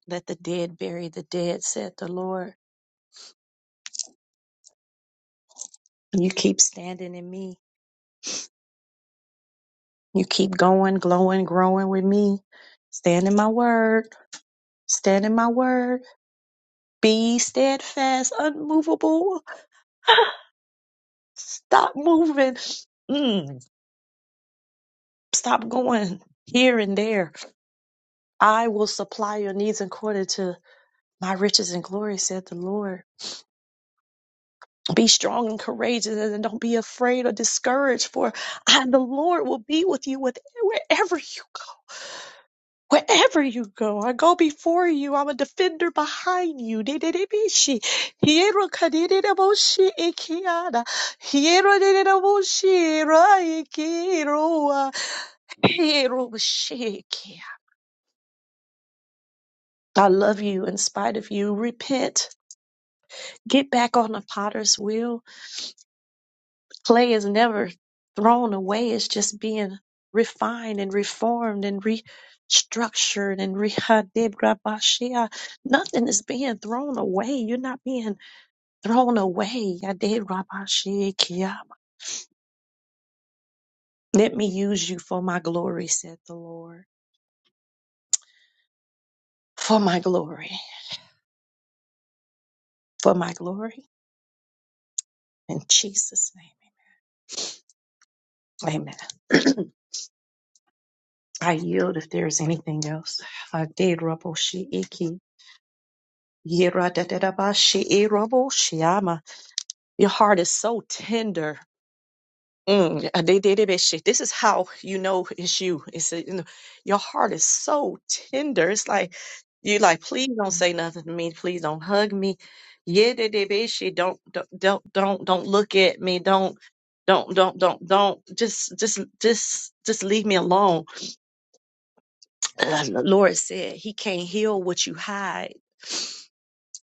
S1: Let the dead bury the dead, said the Lord. You keep standing in me. You keep going, glowing, growing with me. Stand in my word. Stand in my word. Be steadfast, unmovable. Stop moving. Mm, stop going here and there. I will supply your needs according to my riches and glory, said the Lord. Be strong and courageous, and don't be afraid or discouraged. For I, the Lord, will be with you with wherever you go. Wherever you go, I go before you. I'm a defender behind you. Dididibishi. Hiero kadididaboshi ikiada. Hiero dididaboshi raikiroa. Hiero shikia. I love you in spite of you. Repent. Get back on the potter's wheel Clay is never thrown away. It's just being refined and reformed and restructured and rehadibrabashia. Nothing is being thrown away. You're not being thrown away. Yadibrabashikia. Let me use you for my glory, said the Lord. For my glory. For my glory. In Jesus' name. Amen. I yield if there is anything else. Yadibrabashiiki. Your heart is so tender. Mm. uh, they- they- they- they shit. This is how you know it's you. It's uh, you know, your heart is so tender. It's like you like, please don't say nothing to me. Please don't hug me. Yeah, they- they- they shit. Don't don't don't don't don't look at me. Don't don't don't don't don't just just just just leave me alone. Uh, Lord said he can't heal what you hide.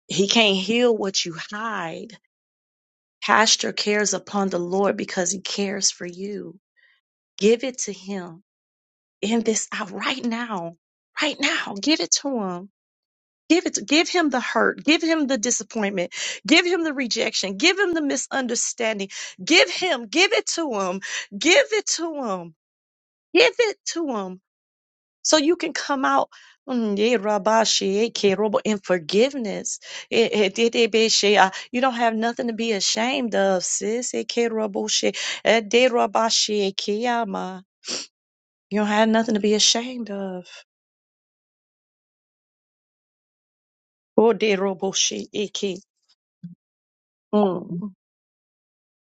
S1: He can't heal what you hide. Cast your cares upon the Lord because he cares for you. Give it to him in this hour right now. Right now. Give it to him. Give it give him the hurt. Give him the disappointment. Give him the rejection. Give him the misunderstanding. Give him, give it to him. Give it to him. Give it to him so you can come out mm, yeah, rabba, shea, ke, robo, in forgiveness. Eh, eh, de, de, be, shea. Uh, You don't have nothing to be ashamed of, sis. Eh, ke, robo, shea. Eh, de, rabba, shea, ke, ama. You don't have nothing to be ashamed of. Oh, de, robo, shea, eh, ke. Mm.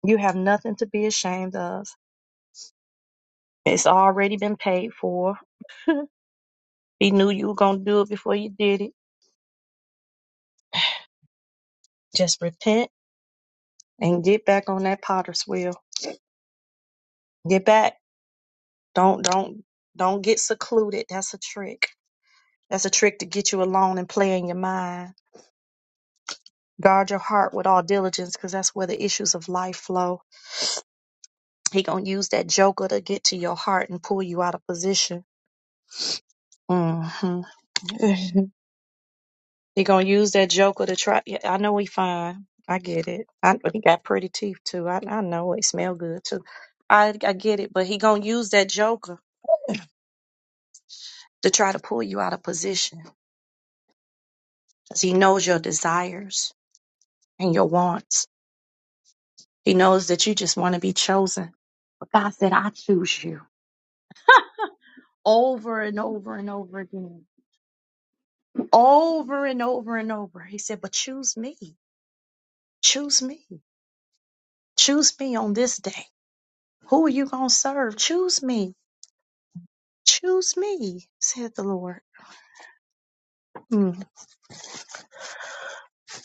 S1: You have nothing to be ashamed of. It's already been paid for. He knew you were going to do it before you did it. Just repent and get back on that potter's wheel. Get back. Don't don't don't get secluded. That's a trick. That's a trick to get you alone and play in your mind. Guard your heart with all diligence, because that's where the issues of life flow. He gonna use that joker to get to your heart and pull you out of position. hmm he gonna use that joker to try. Yeah, I know he fine. I get it. I he got pretty teeth too. I I know it smell good too. I I get it. But he gonna use that joker to try to pull you out of position, 'cause he knows your desires and your wants He knows that you just want to be chosen. But God said, I choose you over and over and over again, over and over and over. He said, But choose me. Choose me. Choose me on this day. Who are you going to serve? Choose me. Choose me, said the Lord. Mm.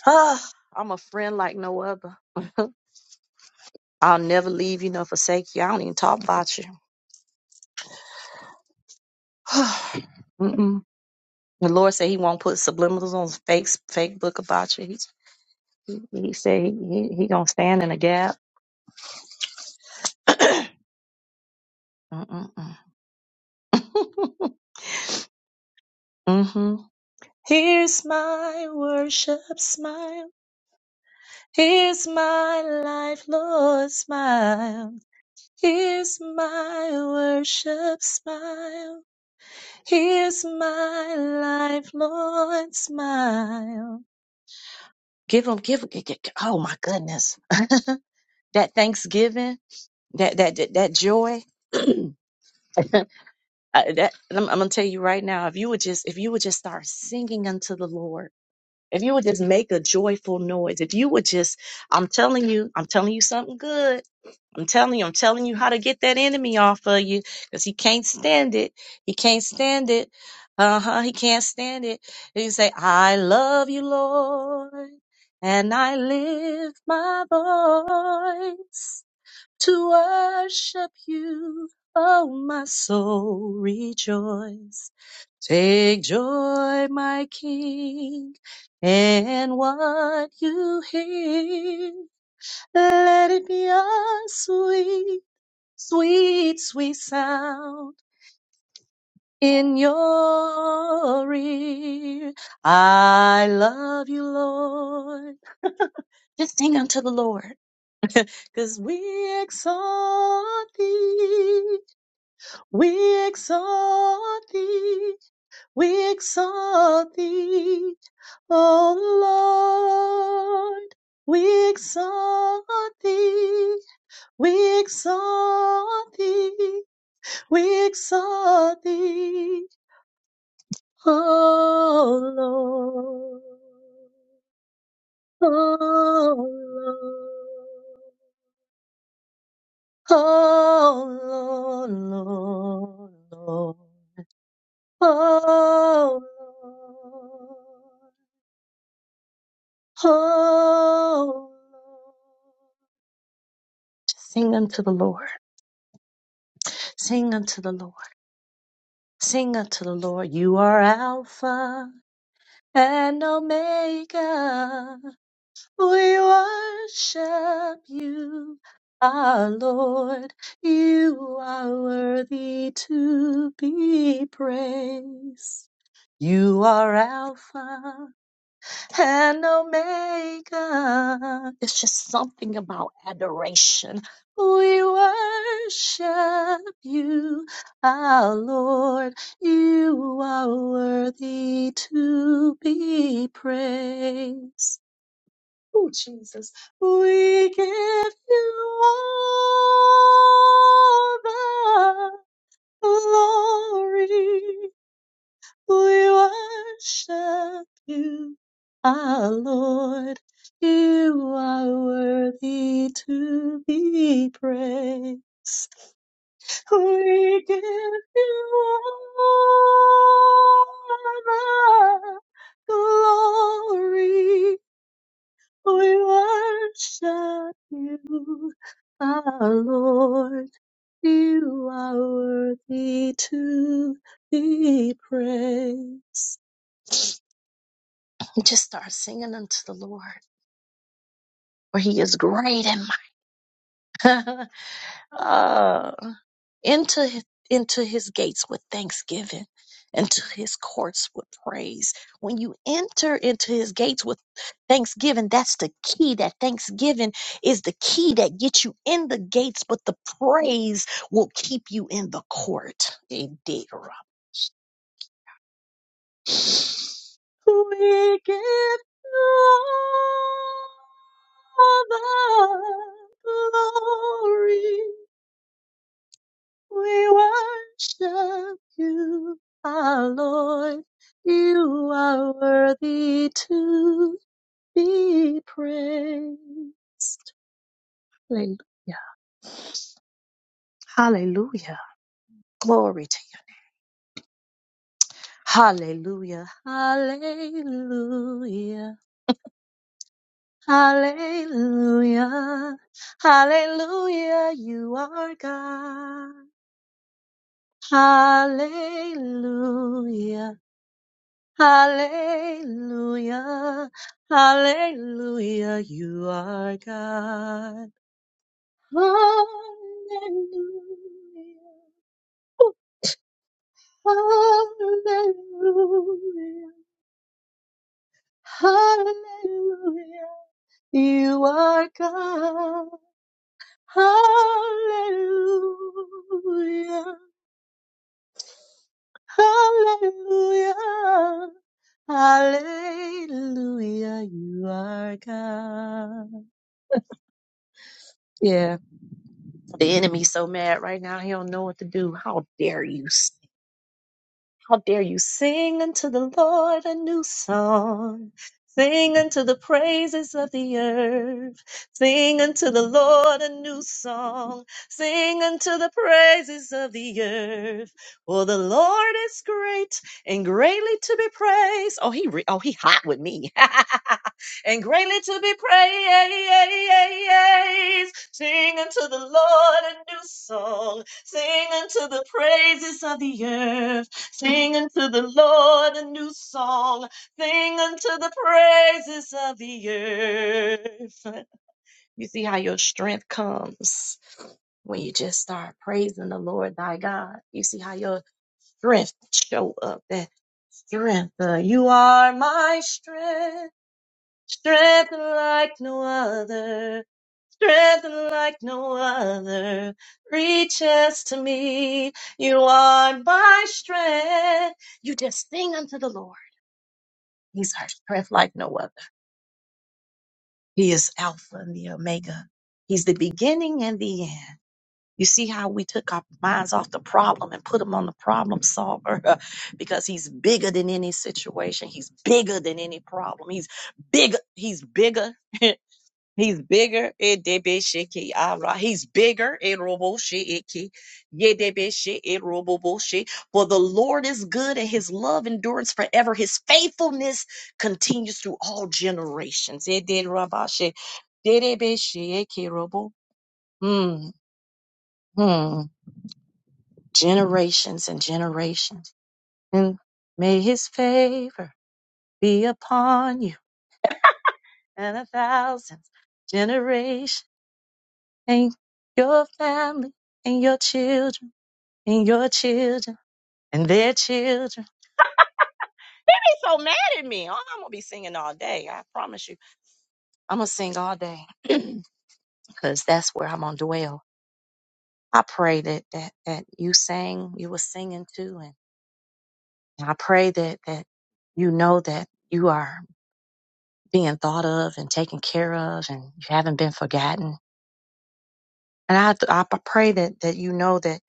S1: Ah, I'm a friend like no other. I'll never leave you nor forsake you. I don't even talk about you. Mm-mm. The Lord said He won't put subliminals on fake fake book about you. He, he said he, he, he gonna stand in a gap. mm-hmm. Here's my worship smile. Here's my life, Lord, smile. Here's my worship smile. Here's my life, Lord, smile. Give him, give him, oh my goodness. that thanksgiving, that, that, that, that joy. I, that I'm, I'm gonna tell you right now, if you would just if you would just start singing unto the Lord, if you would just make a joyful noise, if you would just, I'm telling you, I'm telling you something good. I'm telling you, I'm telling you how to get that enemy off of you because he can't stand it. He can't stand it. Uh huh. He can't stand it. And you say, I love you, Lord, and I lift my voice to worship you. Oh, my soul, rejoice. Take joy, my King, in what you hear. Let it be a sweet, sweet, sweet sound in your ear. I love you, Lord. Just sing unto the Lord, 'cause we exalt thee. We exalt thee, we exalt thee, O Lord. We exalt thee, we exalt thee, we exalt thee, O Lord. O Lord, O Lord, Lord, Lord. Oh, Lord. Oh, sing unto the Lord, sing unto the Lord, sing unto the Lord. You are Alpha and Omega. We worship you, our Lord. You are worthy to be praised. You are Alpha and Omega. It's just something about adoration. We worship you, our Lord. You are worthy to be praised. Oh, Jesus. We give you all the glory. We worship you, our Lord. You are worthy to be praised. We give you all the glory. We worship you, our Lord. You are worthy to be praised. just start singing unto the Lord, for He is great and mighty. uh, into his, into His gates with thanksgiving, into His courts with praise. When you enter into His gates with thanksgiving, that's the key. That thanksgiving is the key that gets you in the gates, but the praise will keep you in the court. We give you all the glory. We worship you, our Lord. You are worthy to be praised. Hallelujah. Hallelujah. Glory to you. Hallelujah. Hallelujah. Hallelujah. Hallelujah. You are God. Hallelujah. Hallelujah. Hallelujah. You are God. Hallelujah. Hallelujah. Hallelujah. You are God. Hallelujah. Hallelujah. Hallelujah. You are God. Yeah. The enemy's so mad right now. He don't know what to do. How dare you? How dare you sing unto the Lord a new song? Sing unto the praises of the earth. Sing unto the Lord a new song. Sing unto the praises of the earth. For the Lord is great and greatly to be praised. Oh, he re- oh he hot with me. and greatly to be praised. Sing unto the Lord a new song. Sing unto the praises of the earth. Sing unto the Lord a new song. Sing unto the praises of the earth. You see how your strength comes when you just start praising the Lord thy God. You see how your strength show up. That strength, uh, you are my strength, strength like no other strength like no other reaches to me. You are my strength. You just sing unto the Lord. He's our strength like no other. He is Alpha and the Omega. He's the beginning and the end. You see how we took our minds off the problem and put them on the problem solver because he's bigger than any situation. He's bigger than any problem. He's bigger. He's bigger. He's bigger. Edebeshiki ara. He's bigger. Erobosheiki. Yedebeshe eroboboshe. For the Lord is good and his love endures forever. His faithfulness continues through all generations. Ederabashe. Dedebesheiki robo. Mm, mm. Generations and generations. And may his favor be upon you and a thousand generations and your family and your children and your children and their children. They so mad at me. Oh, I'm gonna be singing all day. I promise you. I'm gonna sing all day because that's where I'm gonna dwell. I pray that that that you sang, you were singing too, and, and I pray that that you know that you are being thought of and taken care of, and you haven't been forgotten. And I I pray that that you know that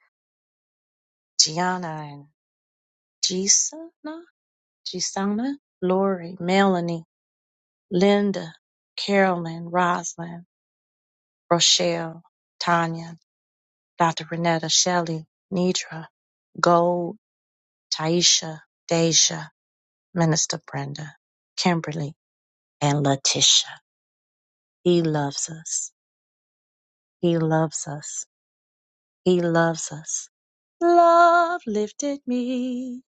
S1: Gianna and Jisa. Gisana, Lori, Melanie, Linda, Carolyn, Roslyn, Rochelle, Tanya, Dr. Renetta, Shelley, Nidra, Gold, Taisha, Deja, Minister Brenda, Kimberly, and Letitia. He loves us. He loves us. He loves us. Love lifted me.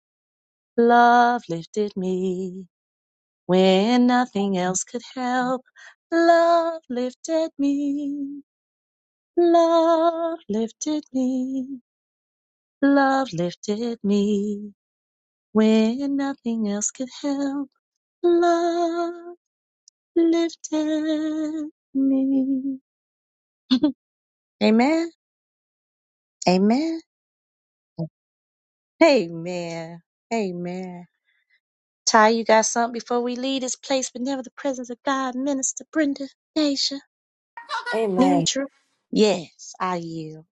S1: Love lifted me. When nothing else could help, love lifted me. Love lifted me, love lifted me when nothing else could help. Love lifted me. Amen. Amen. Amen. Amen. Ty, you got something before we leave this place, but never the presence of God, Minister Brenda, Deja,
S6: Amen.
S1: Nidra. Yes, I yield.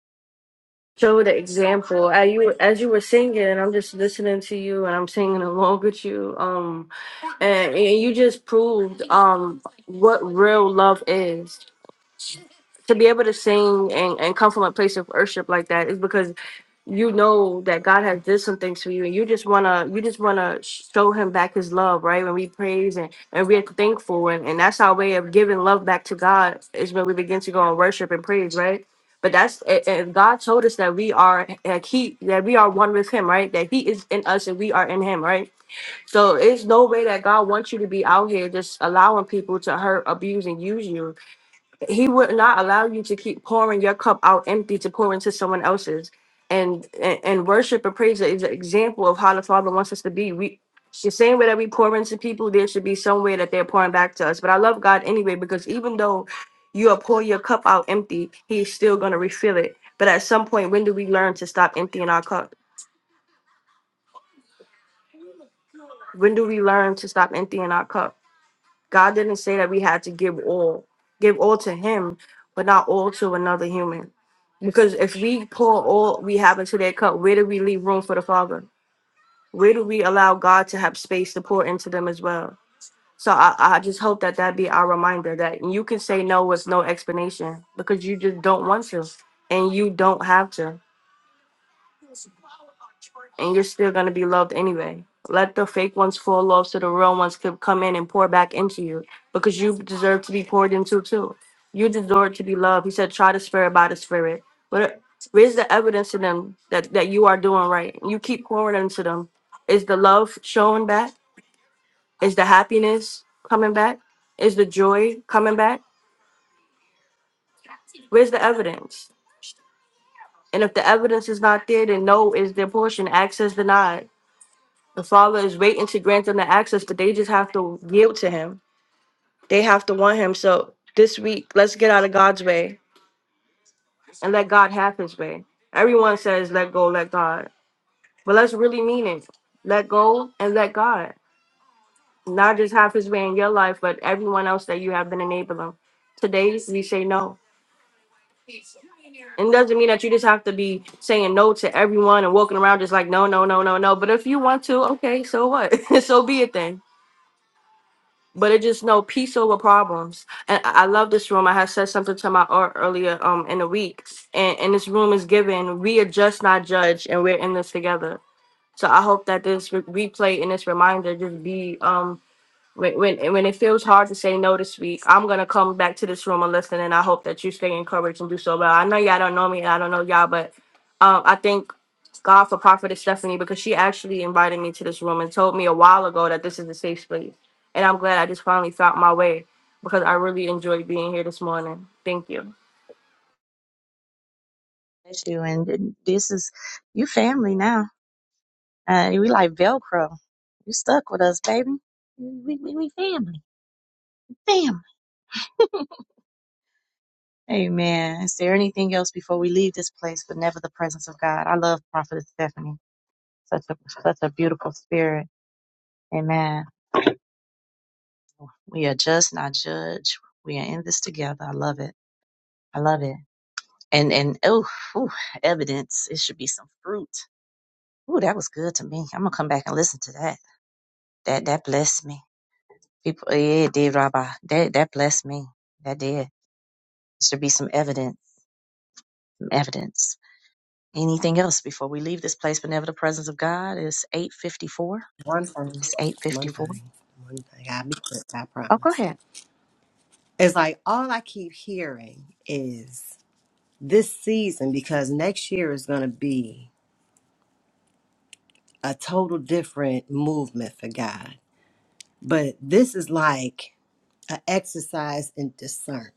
S6: show the example. As you as you were singing, and I'm just listening to you, and I'm singing along with you. Um, and, and you just proved um what real love is to be able to sing and, and come from a place of worship like that is because you know that God has did some things for you, and you just wanna you just wanna show Him back His love, right? When we praise and and we're thankful, and and that's our way of giving love back to God is when we begin to go and worship and praise, right? But that's and and God told us that we are like He that we are one with Him, right? That He is in us and we are in Him, right? So it's no way that God wants you to be out here just allowing people to hurt, abuse, and use you he would not allow you to keep pouring your cup out empty to pour into someone else's and and, and worship and praise is an example of how the father wants us to be we the same way that we pour into people there should be some way that they're pouring back to us but i love god anyway because even though you are pouring your cup out empty he's still going to refill it but at some point when do we learn to stop emptying our cup when do we learn to stop emptying our cup God didn't say that we had to give all, give all to Him, but not all to another human. Because if we pour all we have into their cup, where do we leave room for the Father? Where do we allow God to have space to pour into them as well? So I, I just hope that that be our reminder that you can say no with no explanation because you just don't want to and you don't have to. and you're still going to be loved anyway. Let the fake ones fall off so the real ones could come in and pour back into you because you deserve to be poured into too. You deserve to be loved. He said, try the spirit by the spirit. But uh, where's the evidence to them that, that you are doing right? You keep pouring into them. Is the love showing back? Is the happiness coming back? Is the joy coming back? Where's the evidence? And if the evidence is not there, then no is their portion. Access denied The Father is waiting to grant them the access, but they just have to yield to Him. They have to want Him. So this week, let's get out of God's way and let God have His way. Everyone says, let go, let God. But let's really mean it. Let go and let God. Not just have His way in your life, but everyone else that you have been enabling. Today, we say no. And it doesn't mean that you just have to be saying no to everyone and walking around just like, no, no, no, no, no. But if you want to, okay, so what? so be it then but it just no peace over problems. And I I love this room. I had said something to my art earlier um in the week, and, and this room is given. We adjust, not judge, and we're in this together. So I hope that this re- replay and this reminder just be um when when when it feels hard to say no this week, I'm gonna come back to this room and listen, and I hope that you stay encouraged and do so well. I know y'all don't know me, and I don't know y'all, but um, I thank God for Prophetess Stephanie because she actually invited me to this room and told me a while ago that this is a safe space, and I'm glad I just finally found my way because I really enjoyed being here this morning. Thank you.
S1: Bless you. And this is your family now. Uh, we like Velcro. You stuck with us, baby. We, we, we family. Family. Amen. Is there anything else before we leave this place, but never the presence of God? I love Prophetess Stephanie. Such a such a beautiful spirit. Amen. We are just not judged. We are in this together. I love it. I love it. And and oh, ooh, evidence. It should be some fruit. Ooh, that was good to me. I'm gonna come back and listen to that. That that blessed me. People, yeah, it did, Rabbi. That that blessed me. That did. There should be some evidence. Some evidence. Anything else before we leave this place, but never the presence of God? It's eight fifty four.
S4: One thing,
S1: It's eight fifty
S4: One
S1: four.
S4: thing. One thing. I'll be quick, I
S1: Oh, go
S4: promise.
S1: ahead.
S4: it's like all I keep hearing is this season because next year is going to be a total different movement for God. But this is like an exercise in discernment.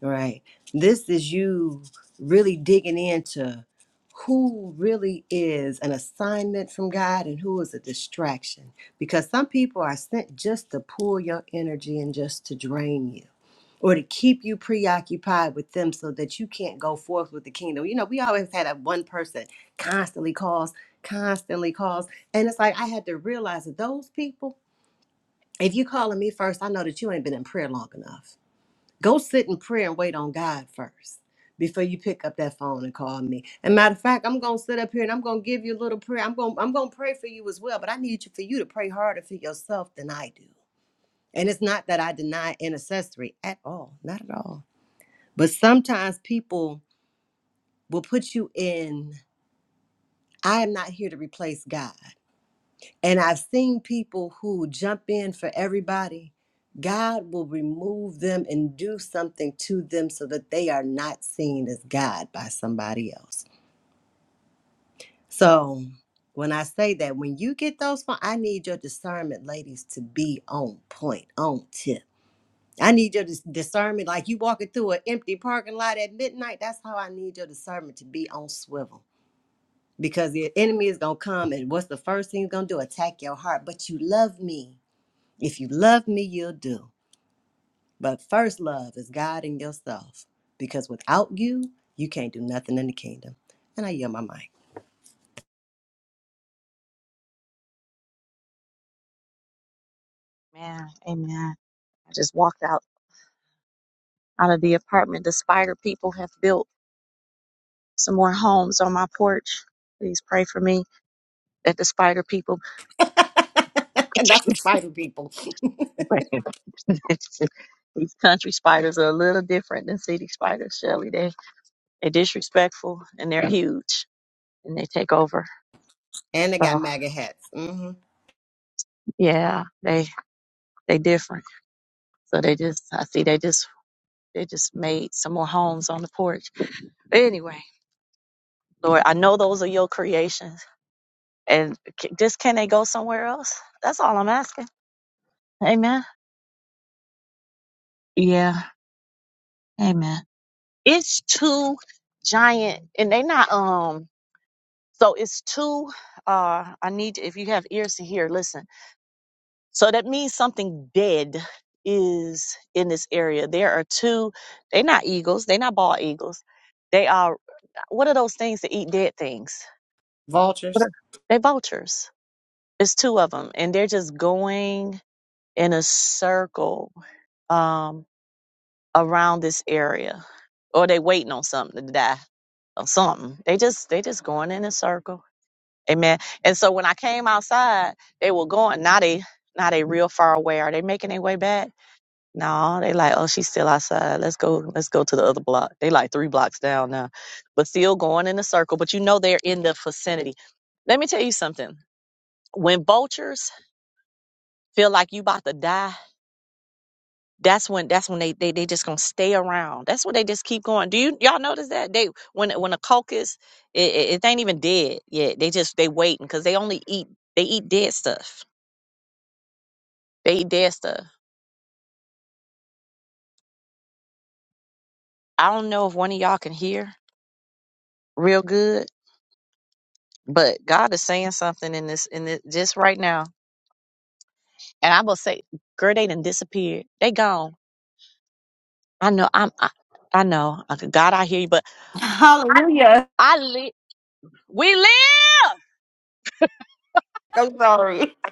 S4: Right. This is you really digging into who really is an assignment from God and who is a distraction. Because some people are sent just to pull your energy and just to drain you or to keep you preoccupied with them so that you can't go forth with the kingdom. You know, we always had that one person constantly calls, constantly calls. And it's like I had to realize that those people, if you calling me first, I know that you ain't been in prayer long enough go sit in prayer and wait on God first before you pick up that phone and call me. And matter of fact, I'm gonna sit up here and I'm gonna give you a little prayer. I'm gonna I'm gonna pray for you as well, but I need you for you to pray harder for yourself than I do. And it's not that I deny intercessory at all, not at all. But sometimes people will put you in. I am not here to replace God. And I've seen people who jump in for everybody. God will remove them and do something to them so that they are not seen as God by somebody else. So when I say that, when you get those phone, I need your discernment, ladies, to be on point, on tip. I need your dis- discernment, like you walking through an empty parking lot at midnight. That's how I need your discernment to be on swivel. Because the enemy is gonna come and what's the first thing he's gonna do? Attack your heart. But you love me. If you love me, you'll do. But first love is God and yourself, because without you, you can't do nothing in the kingdom. And I yell my mic.
S1: Man, amen. I just walked out out of the apartment. The spider people have built some more homes on my porch. Please pray for me that the spider people.
S4: and That's the spider people.
S1: These country spiders are a little different than city spiders, Shelley. They they're disrespectful and they're huge and they take over.
S4: and they got
S1: So
S4: MAGA hats. hmm
S1: yeah, they they different. So they just, I see they just, they just made some more homes on the porch. But anyway, Lord, I know those are your creations, and c- just can they go somewhere else? That's all I'm asking. Amen. Yeah. Amen. It's two giant, and they not um. So it's two. Uh, I need if you have ears to hear, listen. So that means something dead is in this area. There are two. They're not eagles. They're not bald eagles. They are what are those things that eat dead things? What
S4: Vultures.
S1: are- They vultures. It's two of them, and they're just going in a circle um, around this area, or they waiting on something to die or something. They just they just going in a circle. Amen. And so when I came outside, they were going. Now they now they real far away. Are they making their way back? No, they like, oh, she's still outside. Let's go, let's go to the other block. They like three blocks down now. But still going in a circle. But you know they're in the vicinity. Let me tell you something when vultures feel like you about to die that's when that's when they, they they just gonna stay around that's when they just keep going do you y'all notice that they when when a caucus it, it, it ain't even dead yet they just they waiting because they only eat they eat dead stuff they eat dead stuff i don't know if one of y'all can hear real good but god is saying something in this in this just right now and i will say girl they done disappeared they gone i know i'm i, I know I- God, I hear you, but
S6: Hallelujah.
S1: I live. We live.
S6: I'm sorry.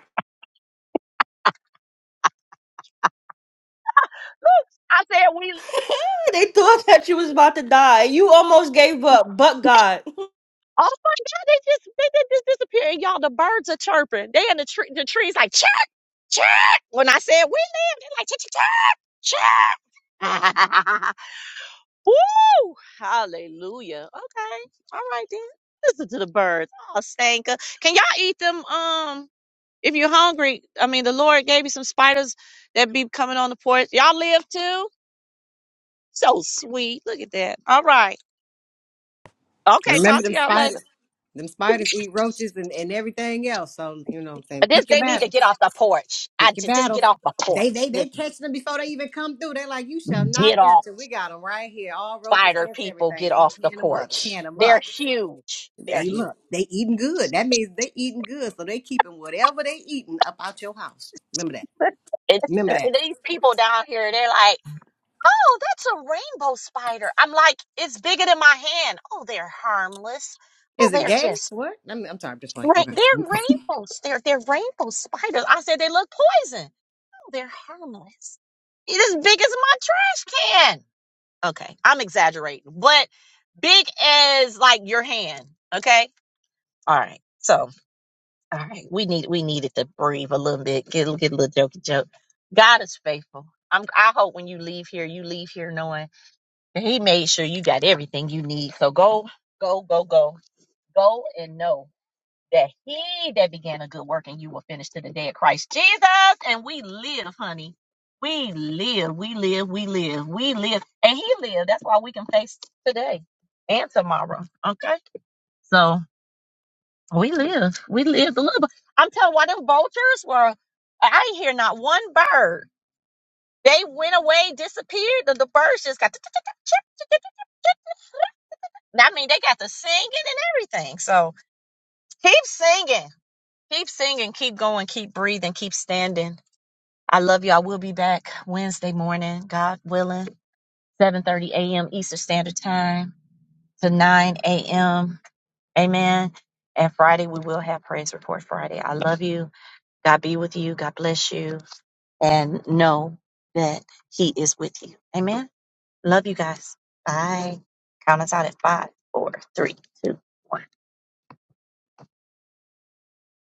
S1: I said, we,
S6: They thought that you was about to die. You almost gave up, but God.
S1: oh my God, they just, they, they just disappeared. Y'all, the birds are chirping. They in the tree, the trees like, chirp, chirp. When I said, we live, they're like, chirp, chirp, chirp. chirp. Woo! Hallelujah. Okay. All right then. Listen to the birds. Oh, Stanka. Can y'all eat them? Um, if you're hungry, I mean, the Lord gave you some spiders that be coming on the porch. Y'all live too? So sweet. Look at that. All right. Okay.
S4: Remember
S1: Talk to
S4: them
S1: y'all later.
S4: spiders? Them spiders eat roaches and, and everything else. So, you know what I'm saying? Pick your
S1: Get
S4: battles.
S1: off the porch. I
S4: Pick your
S1: j- just get
S4: battles.
S1: off.
S4: They they they catch them before they even come through. They're like, you shall not
S1: Get off.
S4: enter. We got them right here. All roaches,
S1: Spider
S4: ants,
S1: people,
S4: everything.
S1: get
S4: They
S1: off the
S4: tan them up,
S1: porch.
S4: tan them
S1: They're
S4: up.
S1: huge. They're
S4: Hey,
S1: huge.
S4: look, they eating good. That means they eating good, so they keeping whatever they eating up out your house. Remember that.
S1: It's,
S4: Remember
S1: it's and
S4: that.
S1: these people down here. They're like, oh, that's a rainbow spider. I'm like, it's bigger than my hand. Oh, they're harmless. Oh,
S4: Is it
S1: they're
S4: gay?
S1: just
S4: What? I mean, I'm sorry, I'm just playing.
S1: right.
S4: Okay.
S1: They're rainbows. They're they're rainbow spiders. I said they look poison. Oh, they're harmless. It's as big as my trash can. Okay, I'm exaggerating, but big as like your hand. Okay All right. So, all right, we need we needed to breathe a little bit, get a- get a little jokey joke. God is faithful. I'm, I hope when you leave here, you leave here knowing that He made sure you got everything you need. So go, go, go, go, go, and know that He that began a good work in you will finish to the day of Christ Jesus. And we live, honey. We live, we live, we live, we live, and He lived. That's why we can face today and tomorrow. Okay. So. We lived. We lived a little bit. I'm telling you, why them vultures were. I did hear not one bird. They went away, disappeared. The, the birds just got. I mean, they got the singing and everything. So keep singing, keep singing, keep going, keep breathing, keep standing. I love you. I will be back Wednesday morning, God willing, 7:30 a.m. Eastern Standard Time to 9 a.m. Amen. And Friday we will have praise report Friday. I love you. God be with you. God bless you. And know that He is with you. Amen. Love you guys. Bye. Count us out at five, four, three, two, one.